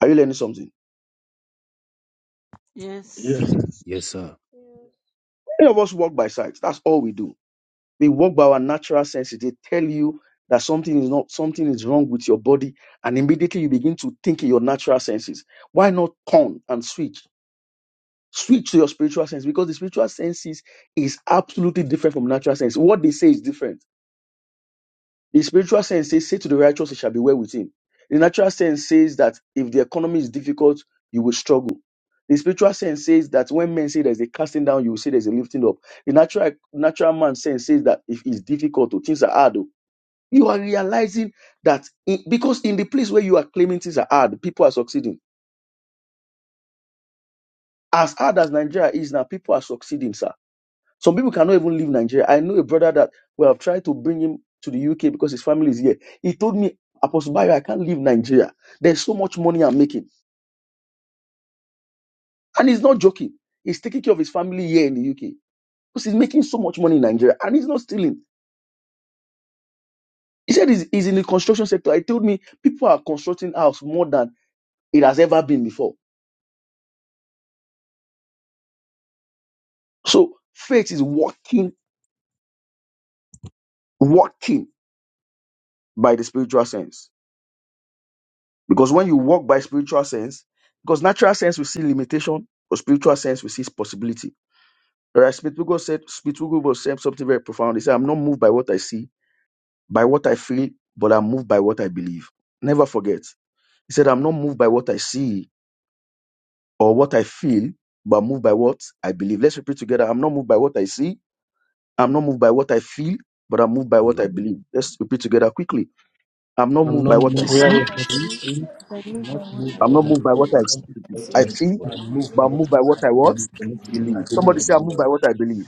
Speaker 12: Are you learning something?
Speaker 13: Yes.
Speaker 5: Yes,
Speaker 4: Yes, sir.
Speaker 12: Many of us walk by sight. That's all we do They work by our natural senses. They tell you that something is not something is wrong with your body, and immediately you begin to think in your natural senses. Why not turn and switch? Switch to your spiritual sense because the spiritual senses is absolutely different from natural sense. What they say is different. The spiritual sense says, "Say to the righteous, it shall be well with him." The natural sense says that if the economy is difficult, you will struggle. The spiritual sense says that when men say there's a casting down, you will say there's a lifting up. The natural natural man sense says that if it's difficult, or things are hard, oh, you are realizing that in- because in the place where you are claiming things are hard, people are succeeding. As hard as Nigeria is now, people are succeeding, sir. Some people cannot even leave Nigeria. I know a brother that we have tried to bring him to the UK because his family is here. He told me, Apostle Bayo, I can't leave Nigeria. There's so much money I'm making. And he's not joking. He's taking care of his family here in the UK because he's making so much money in Nigeria and he's not stealing. He said he's, he's in the construction sector. He told me people are constructing house more than it has ever been before. So faith is working walking by the spiritual sense. Because when you walk by spiritual sense, because natural sense we see limitation, but spiritual sense we see possibility. Right? Spiritual said, Spiritual said something very profound. He said, I'm not moved by what I see, by what I feel, but I'm moved by what I believe. Never forget. He said, I'm not moved by what I see or what I feel, but I'm moved by what I believe. Let's repeat together. I'm not moved by what I see. I'm not moved by what I feel, but I'm moved by
Speaker 4: I'm
Speaker 12: what
Speaker 4: not
Speaker 12: I
Speaker 13: Mhm.
Speaker 12: believe.
Speaker 4: moving.
Speaker 12: Let's repeat together quickly. I'm not
Speaker 5: I'm
Speaker 12: moved
Speaker 5: not
Speaker 12: by what I
Speaker 5: more
Speaker 4: I'm
Speaker 2: We
Speaker 10: By
Speaker 12: see.
Speaker 2: are
Speaker 4: not
Speaker 13: Amen.
Speaker 10: what
Speaker 2: here.
Speaker 5: from
Speaker 10: I
Speaker 5: what I
Speaker 2: Believe
Speaker 10: see,
Speaker 5: think,
Speaker 4: moving.
Speaker 10: I can
Speaker 2: and
Speaker 10: live by
Speaker 2: not
Speaker 10: what
Speaker 4: I'm
Speaker 2: moved
Speaker 10: I
Speaker 2: by
Speaker 12: I'm
Speaker 4: not
Speaker 12: not
Speaker 2: what I
Speaker 5: and
Speaker 12: moved
Speaker 4: moved
Speaker 12: by
Speaker 4: by
Speaker 12: what
Speaker 2: feel.
Speaker 12: I
Speaker 4: what I
Speaker 14: Another
Speaker 5: what
Speaker 12: I
Speaker 5: I
Speaker 10: see.
Speaker 14: project
Speaker 12: see,
Speaker 4: what
Speaker 2: I
Speaker 4: I
Speaker 5: speak,
Speaker 2: am
Speaker 4: hear,
Speaker 2: moved
Speaker 12: but
Speaker 2: by
Speaker 12: I'm
Speaker 2: what
Speaker 12: moved by what
Speaker 2: I
Speaker 12: I
Speaker 2: believe.
Speaker 12: was
Speaker 5: and what I know,
Speaker 2: I
Speaker 12: believe.
Speaker 4: but
Speaker 12: Somebody
Speaker 4: I'm
Speaker 2: believe.
Speaker 5: what
Speaker 12: say
Speaker 5: I
Speaker 12: I'm
Speaker 4: moved by
Speaker 12: moved by
Speaker 5: say.
Speaker 4: what
Speaker 12: what I
Speaker 4: I
Speaker 12: believe.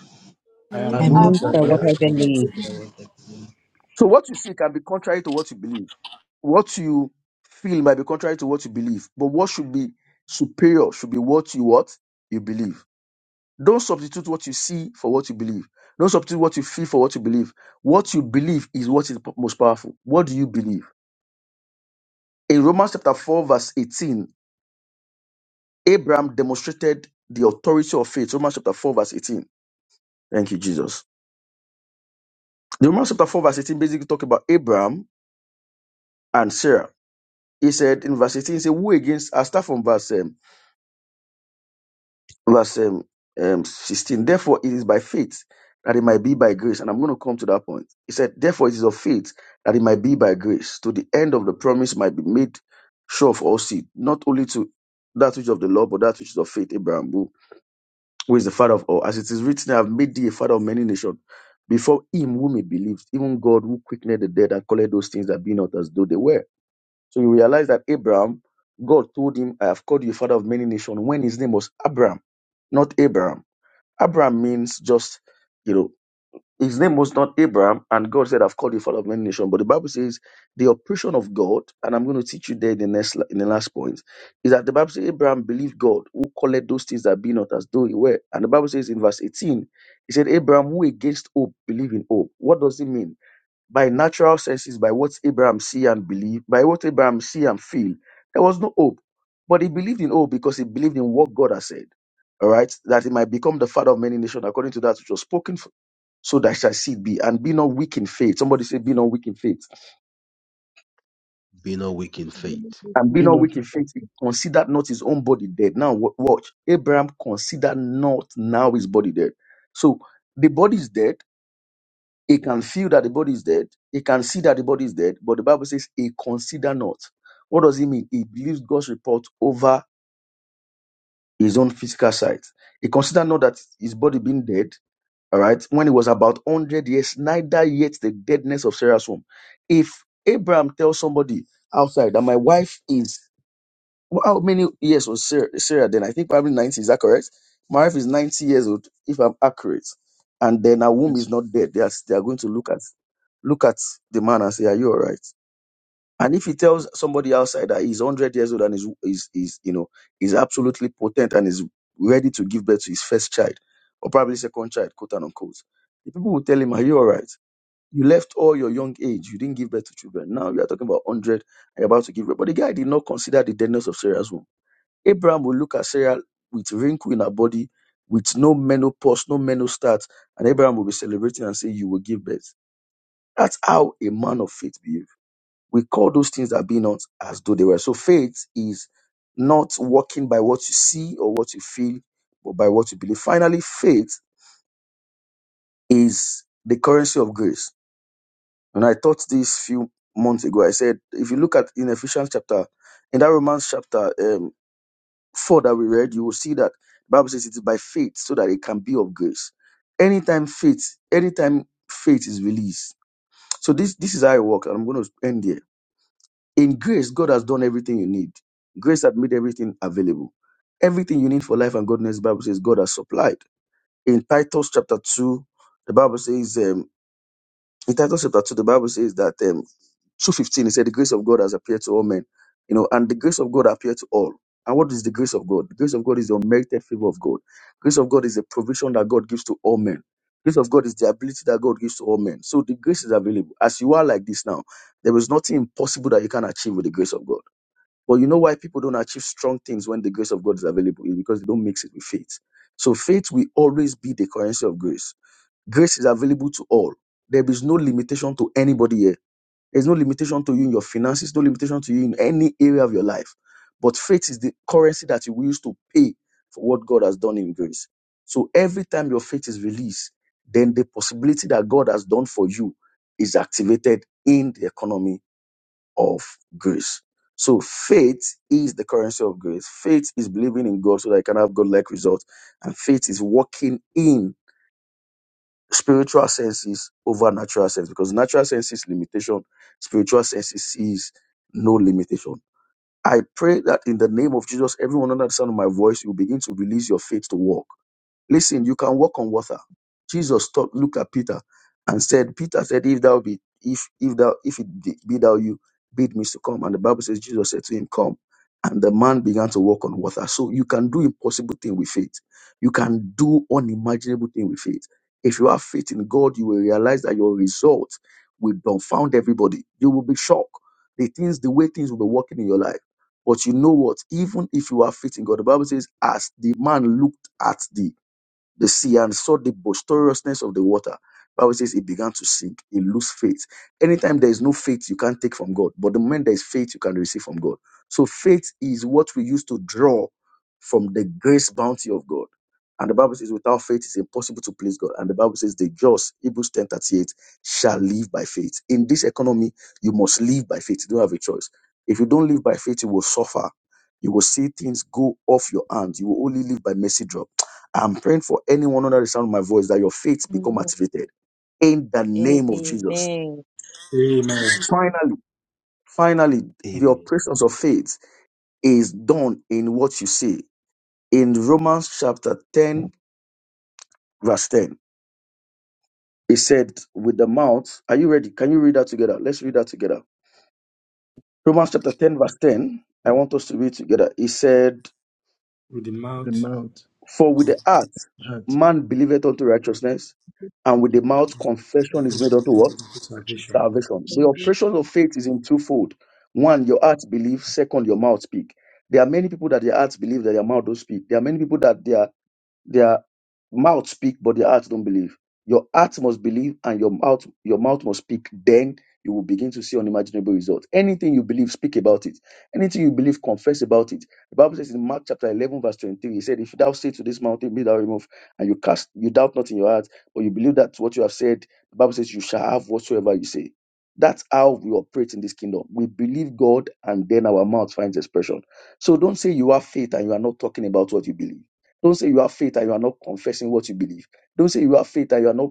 Speaker 10: I
Speaker 2: I
Speaker 10: can
Speaker 2: am
Speaker 10: live
Speaker 5: I'm
Speaker 15: I
Speaker 10: by
Speaker 4: I'm
Speaker 13: I
Speaker 5: more
Speaker 15: move
Speaker 2: moved by
Speaker 4: moved
Speaker 13: move
Speaker 15: by
Speaker 4: by
Speaker 2: what
Speaker 15: what
Speaker 2: I
Speaker 5: direct
Speaker 15: I
Speaker 13: away
Speaker 4: what I
Speaker 13: from
Speaker 5: and
Speaker 2: believe.
Speaker 15: believe.
Speaker 5: direct.
Speaker 14: that
Speaker 13: believing
Speaker 12: So what you see can be contrary to what you believe. What you feel might be contrary to what you believe. But what should be superior should be what you what you believe. Don't substitute what you see for what you believe. Don't substitute what you feel for what you believe. What you believe is what is p- most powerful. What do you believe? In Romans chapter 4, verse 18, Abraham demonstrated the authority of faith. Romans chapter 4, verse 18. Thank you, Jesus. The Romans chapter 4, verse 18 basically talk about Abraham and Sarah. He said in verse 18, he said, Who against, I start from verse, um, verse um, um, 16, therefore it is by faith that it might be by grace. And I'm going to come to that point. He said, Therefore it is of faith that it might be by grace, to the end of the promise might be made sure of all seed, not only to that which is of the law, but that which is of faith, Abraham, who who is the father of all. As it is written, I have made thee a father of many nations before him whom he believed, even God who quickened the dead and called those things that be not as though they were So you realize that Abraham, God told him, I have called you father of many nations when his name was Abraham, not Abraham. Abraham means just, you know, his name was not Abraham, and God said, I've called you father of many nations. But the Bible says the operation of God, and I'm going to teach you there in the next in the last point, is that the Bible says Abraham believed God who called those things that be not as though he were. And the Bible says in verse 18, he said, Abraham, who against hope, believe in hope. What does it mean? by natural senses, by what Abraham see and believe, by what Abraham see and feel. There was no hope, but he believed in hope because he believed in what God has said. All right, that he might become the father of many nations according to that which was spoken, f- so that shall seed be, and be not weak in faith. Somebody say, be not weak in faith,
Speaker 4: be not weak in
Speaker 13: believing
Speaker 4: faith.
Speaker 13: this
Speaker 12: and be
Speaker 5: Be
Speaker 12: not
Speaker 13: mistake.
Speaker 5: not
Speaker 12: weak in faith. He
Speaker 5: reluctant.
Speaker 12: considered not his own body dead. Now wa- watch, Abraham considered not now his body dead. So the body is dead He can feel that the body is dead. He can see that the body is dead. But the Bible says he consider not. What does he mean? He believes God's report over his own physical sight. He consider not that his body being dead. All right. When he was about 100 years, neither yet the deadness of Sarah's womb. If Abraham tells somebody outside that my wife is well, How many years was Sarah, Sarah then? I think probably 90. Is that correct? My wife is 90 years old, if I'm accurate. And then her womb
Speaker 5: Yes,
Speaker 12: is not dead. They are, they are going to look at look at the man and say, "Are you all right?" And if he tells somebody outside that he's 100 years old and is is is you know is absolutely potent and is ready to give birth to his first child or probably second child, quote and unquote, the people will tell him, "Are you all right?" You left all your young age. You didn't give birth to children. Now you are talking about 100. And you're about to give birth. But the guy did not consider the deadness of Sarah's womb. Abraham will look at Sarah with wrinkle in her body, with no menopause, no menostart, and Abraham will be celebrating and say, You will give birth. That's how a man of faith behaves. We call those things that be not as though they were. So faith is not walking by what you see or what you feel, but by what you believe. Finally, faith is the currency of grace. And I taught this few months ago. I said, if you look at in Ephesians chapter, in that Romans chapter, um, four that we read, you will see that the Bible says it is by faith so that it can be of grace. Anytime faith, anytime faith is released. So this this is how it works, and I'm going to end here. In grace, God has done everything you need. Grace has made everything available. Everything you need for life and godliness, the Bible says God has supplied. In Titus chapter two, the Bible says um, in Titus chapter two, the Bible says that um, 2.15, he said, the grace of God has appeared to all men. You know, and the grace of God appeared to all. And what is the grace of God? The grace of God is the unmerited favor of God. Grace of God is the provision that God gives to all men. Grace of God is the ability that God gives to all men. So the grace is available. As you are like this now, there is nothing impossible that you can achieve with the grace of God. But you know why people don't achieve strong things when the grace of God is available? Is because they don't mix it with faith. So faith will always be the currency of grace. Grace is available to all. There is no limitation to anybody here there's no limitation to you in your finances, no limitation to you in any area of your life. But faith is the currency that you will use to pay for what God has done in grace. So every time your faith is released, then the possibility that God has done for you is activated in the economy of grace. So faith is the currency of grace. Faith is believing in God so that I can have God-like results. And faith is walking in spiritual senses over natural sense because natural sense is limitation, spiritual senses sees no limitation. I pray that in the name of Jesus, everyone under the sound of my voice, you begin to release your faith to walk. Listen, you can walk on water. Jesus stopped, looked at Peter, and said, Peter said, If thou be, if if thou if it be be thou you, bid me to come. And the Bible says Jesus said to him, Come. And the man began to walk on water. So you can do impossible thing with faith. You can do unimaginable thing with faith. If you have faith in God, you will realize that your result will dumbfound everybody. You will be shocked. The things, the way things will be working in your life. But you know what? Even if you have faith in God, the Bible says, as the man looked at the the sea and saw the boisterousness of the water. Bible says he began to sink. He lose faith. Anytime there is no faith, you can't take from God. But the moment there is faith, you can receive from God. So faith is what we use to draw from the grace bounty of God. And the Bible says, without faith, it's impossible to please God. And the Bible says, the just, Hebrews 10 38, shall live by faith. In this economy, you must live by faith. You don't have a choice. If you don't live by faith, you will suffer. You will see things go off your hands. You will only live by mercy drop. I'm praying for anyone under the sound of my voice that your faith become activated in the name of
Speaker 13: Amen.
Speaker 12: Jesus.
Speaker 7: Amen.
Speaker 2: Amen.
Speaker 13: Amen.
Speaker 12: Finally, finally, the
Speaker 4: Amen.
Speaker 12: operations of faith is done in what you see. In Romans chapter 10, verse 10, it said, with the mouth, are you ready? Can you read that together? Let's read that together. Romans chapter 10, verse 10. I want us to read together. It said,
Speaker 2: With the
Speaker 5: the
Speaker 2: mouth,
Speaker 5: mouth,
Speaker 12: For with the heart
Speaker 5: heart,
Speaker 12: man believeth unto righteousness, and with the mouth
Speaker 2: we
Speaker 12: confession is made
Speaker 2: proclaim the
Speaker 12: unto what?
Speaker 2: gospel of
Speaker 5: reject
Speaker 2: salvation.
Speaker 12: salvation. The
Speaker 13: Amen.
Speaker 5: perception.
Speaker 12: operation of faith is in twofold. One, your heart believes. Second, your mouth speak. There are many people that their hearts believe that their mouth don't speak. There are many people that their their mouth speak, but their heart don't believe. Your heart must believe, and your mouth your mouth must speak. Then you will begin to see unimaginable results. Anything you believe, speak about it. Anything you believe, confess about it. The Bible says in Mark chapter eleven verse twenty-three, He said, "If thou say to this mountain, be thou removed, and you cast you doubt not in your heart, but you believe that what you have said, the Bible says you shall have whatsoever you say." That's how we operate in this kingdom. We believe God, and then our mouth finds expression. So don't say you have faith and you are not talking about what you believe don't say you have faith and you are not confessing what you believe. Don't say you have faith and you are not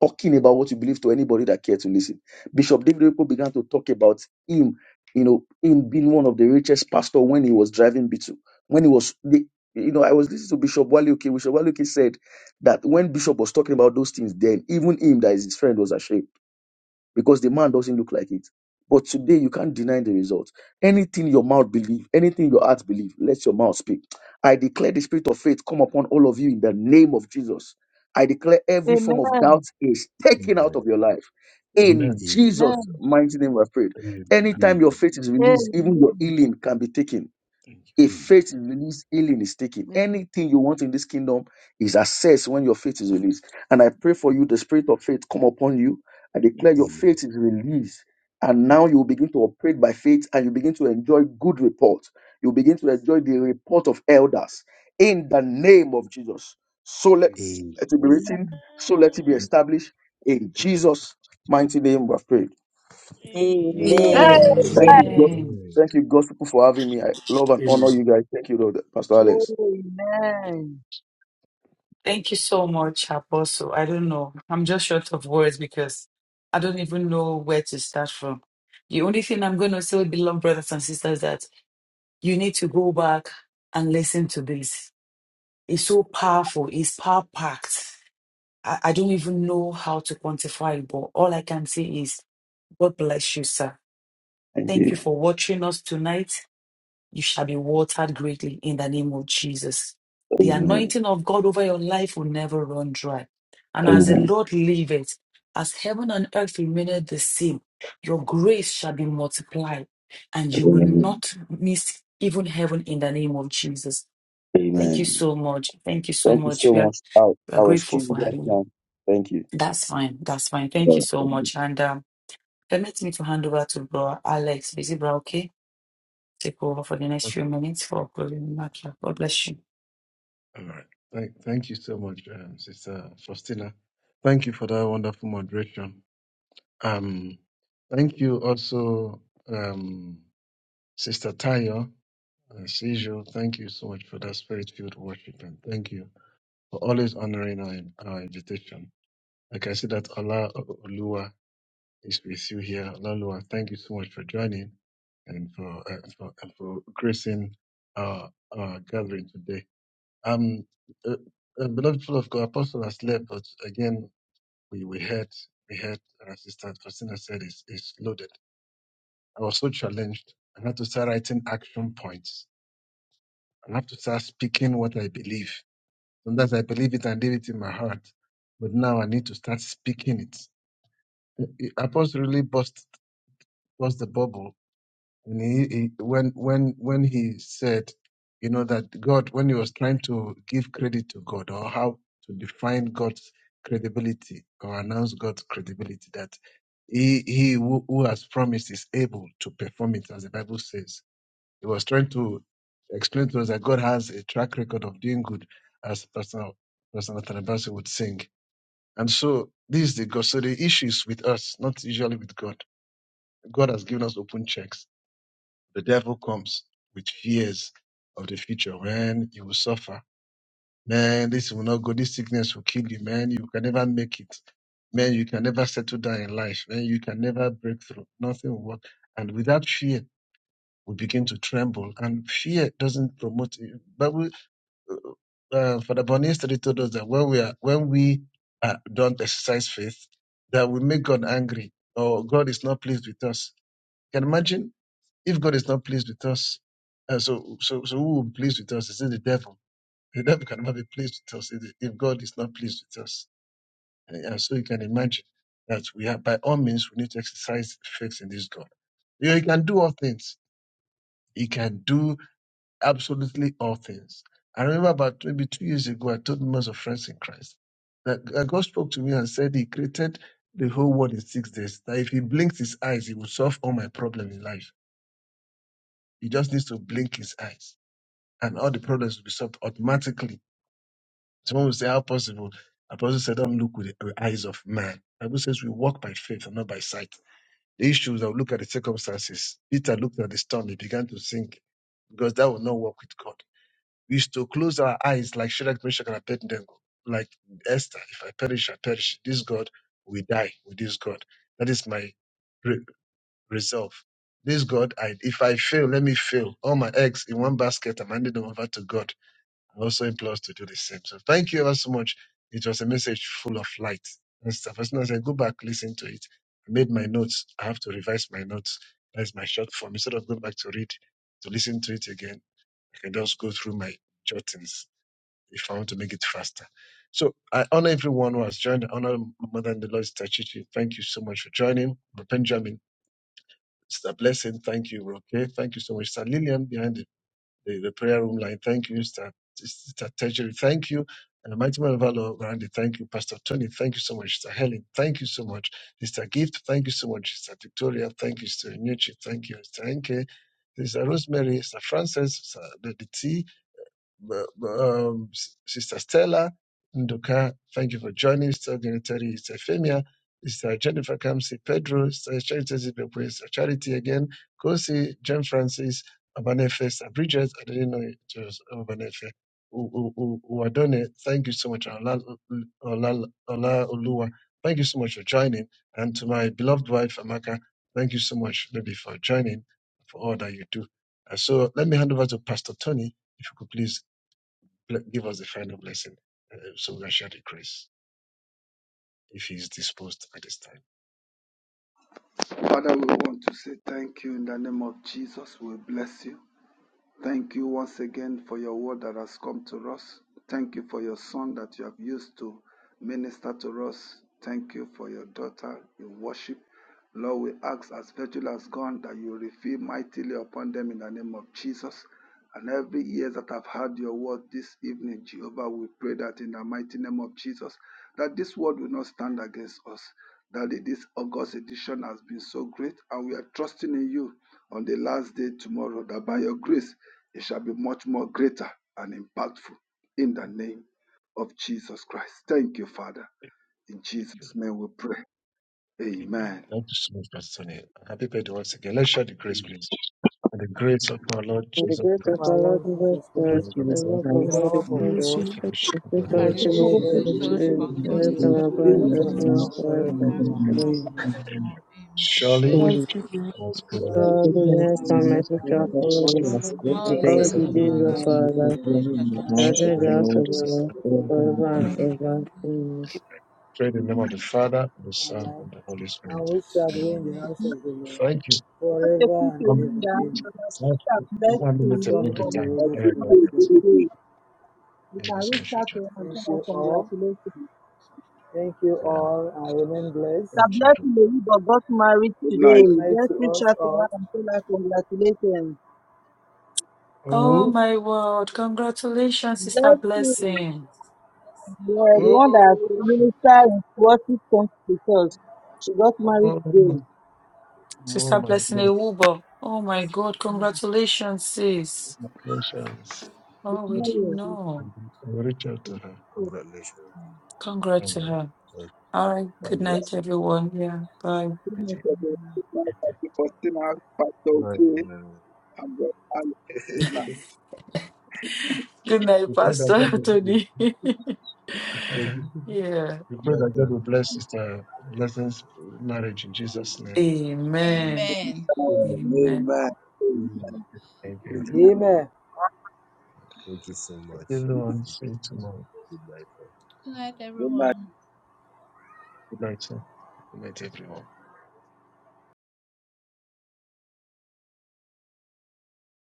Speaker 12: talking about what you believe to anybody that care to listen. Bishop David Oyedepo began to talk about him, you know, him being one of the richest pastor when he was driving b When he was, the, you know, I was listening to Bishop Wale Oke. Bishop Wale Oke said that when Bishop was talking about those things, then even him, that is his friend, was ashamed because the man doesn't look like it. But today you can't deny the result. Anything your mouth believe, anything your heart believe, let your mouth speak. I declare the spirit of faith come upon all of you in the name of Jesus. I declare every
Speaker 13: Amen. Amen.
Speaker 12: form of doubt is taken out of
Speaker 4: Amen.
Speaker 12: your life.
Speaker 5: Amen.
Speaker 12: In
Speaker 4: Amen.
Speaker 12: Jesus' mighty name, I prayed.
Speaker 5: Amen.
Speaker 12: Anytime your
Speaker 4: Amen.
Speaker 12: faith is released,
Speaker 13: Amen.
Speaker 12: even your healing can be taken
Speaker 5: Thank
Speaker 12: if
Speaker 5: you.
Speaker 4: Amen.
Speaker 12: faith is released, healing is taken.
Speaker 13: Amen.
Speaker 12: Anything you want in this kingdom is accessed when your faith is released. And I pray for you, the spirit of faith come upon you. I
Speaker 5: Amen.
Speaker 12: declare your
Speaker 4: Amen.
Speaker 12: faith is released. And
Speaker 5: Amen.
Speaker 12: now you begin to operate by faith and you begin to enjoy good report. You begin to enjoy the report of elders in the name of Jesus. So let, let it be
Speaker 4: Amen.
Speaker 12: written, so let it be
Speaker 5: Amen.
Speaker 12: established in Jesus' mighty name. We have prayed.
Speaker 5: Amen.
Speaker 10: faith
Speaker 8: Amen.
Speaker 16: hey
Speaker 7: Amen.
Speaker 9: Amen.
Speaker 12: Thank you,
Speaker 4: Mm,
Speaker 15: Amen.
Speaker 12: God.
Speaker 1: Amen.
Speaker 12: Thank you,
Speaker 4: yay.
Speaker 12: gospel for having me. I love and
Speaker 2: Amen.
Speaker 12: honor you guys. Thank you, Lord, Pastor Alex.
Speaker 13: Amen.
Speaker 1: Thank you so much, Apostle. I don't know. I'm just short of words because I don't even know where to start from. The only thing I'm going to say, beloved brothers and sisters, that you need to go back and listen to this. It's so powerful. It's power packed I, I don't even know how to quantify it, but all I can say is God bless you, sir.
Speaker 12: Thank
Speaker 1: Thank
Speaker 12: you.
Speaker 1: you for watching us tonight. You shall be watered greatly in the name of Jesus. The
Speaker 12: Amen.
Speaker 1: anointing of God over your life will never run dry. And as the
Speaker 12: Amen.
Speaker 1: Lord liveth, as heaven and earth remaineth the same, your grace shall be multiplied, and you will
Speaker 12: Amen.
Speaker 1: not miss even heaven in the name of Jesus. Thank you
Speaker 12: Amen.
Speaker 1: so much. Thank you so
Speaker 12: Thank you
Speaker 1: much. We
Speaker 12: so
Speaker 1: are,
Speaker 12: much. I'll,
Speaker 1: we are
Speaker 12: I'll
Speaker 1: grateful
Speaker 12: excuse you
Speaker 1: for
Speaker 12: guys
Speaker 1: having you.
Speaker 12: now. Thank you.
Speaker 1: That's fine. That's fine. Thank
Speaker 12: All
Speaker 1: you
Speaker 12: right.
Speaker 1: so
Speaker 12: Thank you.
Speaker 1: much. And um, permit me to hand over to Bro Alex Bizibra, okay? Take over for the next
Speaker 5: Amen.
Speaker 1: few minutes for closing remarks. God bless you.
Speaker 5: All right. Thank, thank you so much, um, Sister Faustina. Thank you for that wonderful moderation. Um, thank you also, um, Sister Tayo. As usual, thank you so much for that spirit-filled worship, and thank you for always honoring our, our invitation. I can see that Allah Olua is with you here. Allah Olua, thank you so much for joining and for uh, for, and for gracing our, our gathering today. Um, uh, uh, beloved people of God, Apostle has left, but again, we, we heard, we heard our sister Christina said it's, it's loaded. I was so challenged. I had to start writing action points. I have to start speaking what I believe. Sometimes I believe it and leave it in my heart, but now I need to start speaking it. It- Apostle really bust, bust the bubble And he, he when when when he said, you know, that God, when he was trying to give credit to God or how to define God's credibility or announce God's credibility, that he he who, who has promised is able to perform it, as the Bible says. He was trying to explain to us that God has a track record of doing good, as Pastor Pastor Nathan Abasi would sing. And so this is the God. So the issue is with us, not usually with God. God has given us open checks the devil comes with fears of the future. Man, you will suffer. Man, this will not go. This sickness will kill you. Man, you can never make it. Man, you can never settle down in life. Man, you can never break through. Nothing will work. And without fear, we begin to tremble. And fear doesn't promote. it. But we, uh, Father Bonnie yesterday told us that when we are, when we uh, don't exercise faith, that we make God angry or God is not pleased with us. Can you imagine? If God is not pleased with us, uh, so, so, so who will be pleased with us? Is it the devil? [LAUGHS] The devil cannot be pleased with us if if God is not pleased with us. And and so you can imagine that we have, by all means, we need to exercise faith in this God. You know, He can do all things. He can do absolutely all things. I remember about maybe two years ago, I told most of friends in Christ that uh, God spoke to me and said He created the whole world in six days. That if He blinks His eyes, He will solve all my problem in life. He just needs to blink His eyes. and all the problems will be solved automatically. Someone will say, How possible? Apostle said, Don't look with the with eyes of man. Bible says we walk by faith and not by sight. The issue is that we look at the circumstances. Peter looked at the storm, he began to sink because that will not work with God. We used to close our eyes like Shadrach, Meshach, and Abednego, like Esther, if I perish, I perish. This God, we die with this God. That is my re- resolve. This God, I, if I fail, let me fail. All my eggs in one basket, I'm handing them over to God I also implore us to do the same. So thank you ever so much. It was a message full of light and stuff. As soon as I go back, listen to it. I made my notes. I have to revise my notes. That is my short form. Instead of going back to read, to listen to it again, I can just go through my jottings if I want to make it faster. So I honor everyone who has joined. I honor Mother and the Lord Tachichi. Thank you so much for joining. Benjamin, it's a blessing. Thank you. Okay. Thank you so much. Sir Lillian behind the the, the prayer room line. Thank you, Sister Sister Tertiary. Thank you. And the mighty man of our Lord, Randy, thank you. Pastor Tony, thank you so much. Sister Helen, thank you so much. Sister Gift, thank you so much. Sister Victoria, thank you. Sister Inuchi, thank you. Sister Enke, Sister Rosemary, Sister Frances, Sister Lady T, um, Sister Stella Nduka, thank you for joining. Sister Genitari, Sister Femia, Sister Jennifer Kamsi, Pedro, Sister Charity Zibekwe, Sister Charity again, Kosi, John Francis, Abanefe, Sister Bridget, I didn't know it was Abanefe. U- U- U- Uwadone, thank you so much, Ola, Ola, Ola Oluwa. Thank you so much for joining. And to my beloved wife, Amaka, thank you so much, baby, for joining, for all that you do. Uh, So let me hand over to Pastor Tony if you could please Bl- Give us the final blessing uh, so we can share the grace if He is disposed at this time.
Speaker 8: Father, we want to say thank you in the name of Jesus. We bless you. Thank you once again for your word that has come to us. Thank you for your son that you have used to minister to us. Thank you for your daughter in worship. Lord, we ask as virtue has gone that you refill mightily upon them in the name of Jesus. And every ear that have heard your word this evening, Jehovah, we pray that in the mighty name of Jesus, that this word will not stand against us. That this August edition has been so great, and we are trusting in you on the last day tomorrow, that by your grace it shall be much more greater and impactful in the name of Jesus Christ. Thank you, Father. In
Speaker 5: Thank you,
Speaker 8: Jesus'
Speaker 5: Lord.
Speaker 8: name we pray.
Speaker 5: Amen.
Speaker 8: Amen.
Speaker 5: Thank you so much, Pastor Tony. Happy birthday once again. Let's share the grace, please. And the grace of our Lord
Speaker 7: In the
Speaker 5: Jesus
Speaker 7: grace of
Speaker 17: of
Speaker 5: Christ,
Speaker 17: our
Speaker 7: our Lord
Speaker 17: Lord
Speaker 7: Jesus
Speaker 17: Jesus
Speaker 5: the
Speaker 15: Lord
Speaker 5: love
Speaker 17: Christ,
Speaker 7: Christ,
Speaker 5: of
Speaker 7: the
Speaker 15: Jesus
Speaker 5: God,
Speaker 7: love of
Speaker 17: the
Speaker 15: Christ.
Speaker 7: God the
Speaker 17: love
Speaker 15: and
Speaker 17: of
Speaker 5: and the
Speaker 10: in the
Speaker 7: Father,
Speaker 17: God,
Speaker 5: sweet
Speaker 10: sweet
Speaker 13: Amen.
Speaker 5: fellowship
Speaker 7: the
Speaker 5: of
Speaker 7: sweet
Speaker 5: the
Speaker 17: and the
Speaker 5: Holy
Speaker 7: fellowship
Speaker 18: Arranged
Speaker 13: Let's
Speaker 7: of
Speaker 5: Spirit,
Speaker 13: have
Speaker 7: the
Speaker 13: a
Speaker 17: fellowship
Speaker 13: seat
Speaker 17: of the
Speaker 7: Holy
Speaker 18: Field
Speaker 17: Holy
Speaker 18: Fellowship
Speaker 13: together.
Speaker 7: Spirit,
Speaker 18: of
Speaker 17: Spirit
Speaker 18: the
Speaker 15: His
Speaker 5: be
Speaker 18: Holy
Speaker 7: rest and
Speaker 15: name,
Speaker 17: be
Speaker 7: abide
Speaker 13: Let's
Speaker 17: with
Speaker 7: with us
Speaker 17: us
Speaker 5: with
Speaker 13: enjoy
Speaker 18: Spirit.
Speaker 7: now
Speaker 5: us.
Speaker 15: Amen.
Speaker 17: now
Speaker 7: forever.
Speaker 5: now and
Speaker 18: Thank
Speaker 17: forevermore.
Speaker 18: God
Speaker 5: forever.
Speaker 15: Amen.
Speaker 18: now
Speaker 7: Amen.
Speaker 17: Amen.
Speaker 18: forevermore.
Speaker 5: Amen. Surely,
Speaker 18: Amen.
Speaker 15: Holy
Speaker 10: faith.
Speaker 18: All
Speaker 5: God's
Speaker 18: the
Speaker 5: goodness
Speaker 13: the Lord. Let him guide
Speaker 7: God,
Speaker 13: you.
Speaker 15: goodness
Speaker 5: and
Speaker 7: goodness
Speaker 5: mercy
Speaker 7: and
Speaker 15: and
Speaker 7: mercy
Speaker 5: will
Speaker 15: mercy
Speaker 5: follow us
Speaker 7: shall
Speaker 15: shall
Speaker 7: follow us
Speaker 15: follow us all
Speaker 5: in
Speaker 15: the
Speaker 5: the
Speaker 7: all
Speaker 15: days
Speaker 5: days
Speaker 18: days
Speaker 5: of
Speaker 15: of
Speaker 7: the
Speaker 15: our
Speaker 18: of our
Speaker 7: days
Speaker 15: life,
Speaker 7: of
Speaker 5: us,
Speaker 15: and we
Speaker 7: our
Speaker 15: shall
Speaker 7: life.
Speaker 15: dwell in the
Speaker 7: I
Speaker 5: and we
Speaker 18: lives,
Speaker 7: shall
Speaker 18: I
Speaker 5: shall
Speaker 15: house
Speaker 7: dwell
Speaker 15: of
Speaker 18: shall
Speaker 7: in
Speaker 5: dwell
Speaker 7: the
Speaker 15: the
Speaker 5: in the
Speaker 7: house of
Speaker 15: Lord
Speaker 7: the
Speaker 5: house of the
Speaker 7: Lord
Speaker 5: Lord.
Speaker 15: forever
Speaker 18: not
Speaker 15: and
Speaker 7: forever
Speaker 15: ever.
Speaker 7: and
Speaker 18: have.
Speaker 7: ever. Amen.
Speaker 5: pray in the name of the
Speaker 8: Amen.
Speaker 5: Father, and the
Speaker 17: Our
Speaker 5: Son,
Speaker 17: life,
Speaker 5: and the Holy
Speaker 17: and
Speaker 5: Spirit.
Speaker 17: we shall dwell
Speaker 5: Amen.
Speaker 17: in the
Speaker 18: Amen.
Speaker 17: house of the Lord
Speaker 5: Thank you
Speaker 13: Let the
Speaker 17: forever
Speaker 13: people
Speaker 17: and
Speaker 5: Um,
Speaker 17: ever.
Speaker 13: remember
Speaker 17: Amen.
Speaker 13: that
Speaker 5: last
Speaker 13: have met
Speaker 5: one minute
Speaker 13: in
Speaker 17: Son
Speaker 5: about the
Speaker 17: and
Speaker 13: Labour
Speaker 17: the
Speaker 5: time.
Speaker 17: Holy
Speaker 5: Yeah, I got
Speaker 17: Spirit.
Speaker 5: it.
Speaker 17: Amen.
Speaker 13: today. You
Speaker 5: Thank
Speaker 13: can
Speaker 5: you so
Speaker 13: reach
Speaker 5: much,
Speaker 13: out to
Speaker 5: Ocha.
Speaker 13: her and
Speaker 17: Thank
Speaker 13: tell her
Speaker 17: you all.
Speaker 13: congratulations.
Speaker 17: Thank you
Speaker 5: Yeah,
Speaker 17: all, and remain blessed.
Speaker 13: Sister
Speaker 5: thank you. Joe.
Speaker 13: Blessing Oyibo got married
Speaker 8: Good
Speaker 13: today.
Speaker 8: night.
Speaker 17: Good night
Speaker 13: Let's
Speaker 17: to
Speaker 13: reach
Speaker 17: us
Speaker 13: out to her
Speaker 17: all.
Speaker 13: and tell her congratulations.
Speaker 1: Oh my word. Congratulations, Sister
Speaker 13: Blessing,
Speaker 1: Blessing.
Speaker 13: yeah, the
Speaker 8: Hmm?
Speaker 13: one that
Speaker 5: Oh,
Speaker 13: minister in Swarty comes to church. She got married
Speaker 5: oh,
Speaker 13: today.
Speaker 5: oh
Speaker 1: Sister
Speaker 5: my
Speaker 1: Blessing
Speaker 5: God,
Speaker 1: Ewubo. Oh my God.
Speaker 13: Mm.
Speaker 1: Congratulations, sis.
Speaker 5: congratulations.
Speaker 13: It's
Speaker 1: Oh, we
Speaker 13: not
Speaker 1: didn't
Speaker 5: Okay,
Speaker 13: yet.
Speaker 1: know.
Speaker 5: I'll reach out to
Speaker 13: It's-
Speaker 5: her.
Speaker 4: Congratulations.
Speaker 5: All
Speaker 1: Congrats to
Speaker 5: right,
Speaker 1: her.
Speaker 4: Uh,
Speaker 1: All right. Good
Speaker 5: all
Speaker 8: Amen.
Speaker 1: night,
Speaker 5: right.
Speaker 1: everyone. Yeah. Bye.
Speaker 13: it's-
Speaker 5: Okay,
Speaker 13: it's-
Speaker 5: okay.
Speaker 8: Amen.
Speaker 4: good man. Thank you.
Speaker 1: Good night,
Speaker 5: We pray
Speaker 4: Good
Speaker 5: that
Speaker 1: Pastor [LAUGHS]
Speaker 5: God will,
Speaker 1: Anthony. [LAUGHS]
Speaker 5: uh-huh.
Speaker 1: yeah.
Speaker 5: we pray that God will bless Sister Blessing's marriage in Jesus' name. All right.
Speaker 1: Amen.
Speaker 18: Amen.
Speaker 1: Amen.
Speaker 5: Thank you, everyone.
Speaker 17: Amen.
Speaker 5: Thank you.
Speaker 4: Thank you so
Speaker 5: Thank you,
Speaker 4: much.
Speaker 5: everyone.
Speaker 4: Thank
Speaker 5: See
Speaker 4: you.
Speaker 5: you tomorrow.
Speaker 4: Good night.
Speaker 18: Good night,
Speaker 8: Good night.
Speaker 18: everyone.
Speaker 5: Good night, sir. Good night, everyone.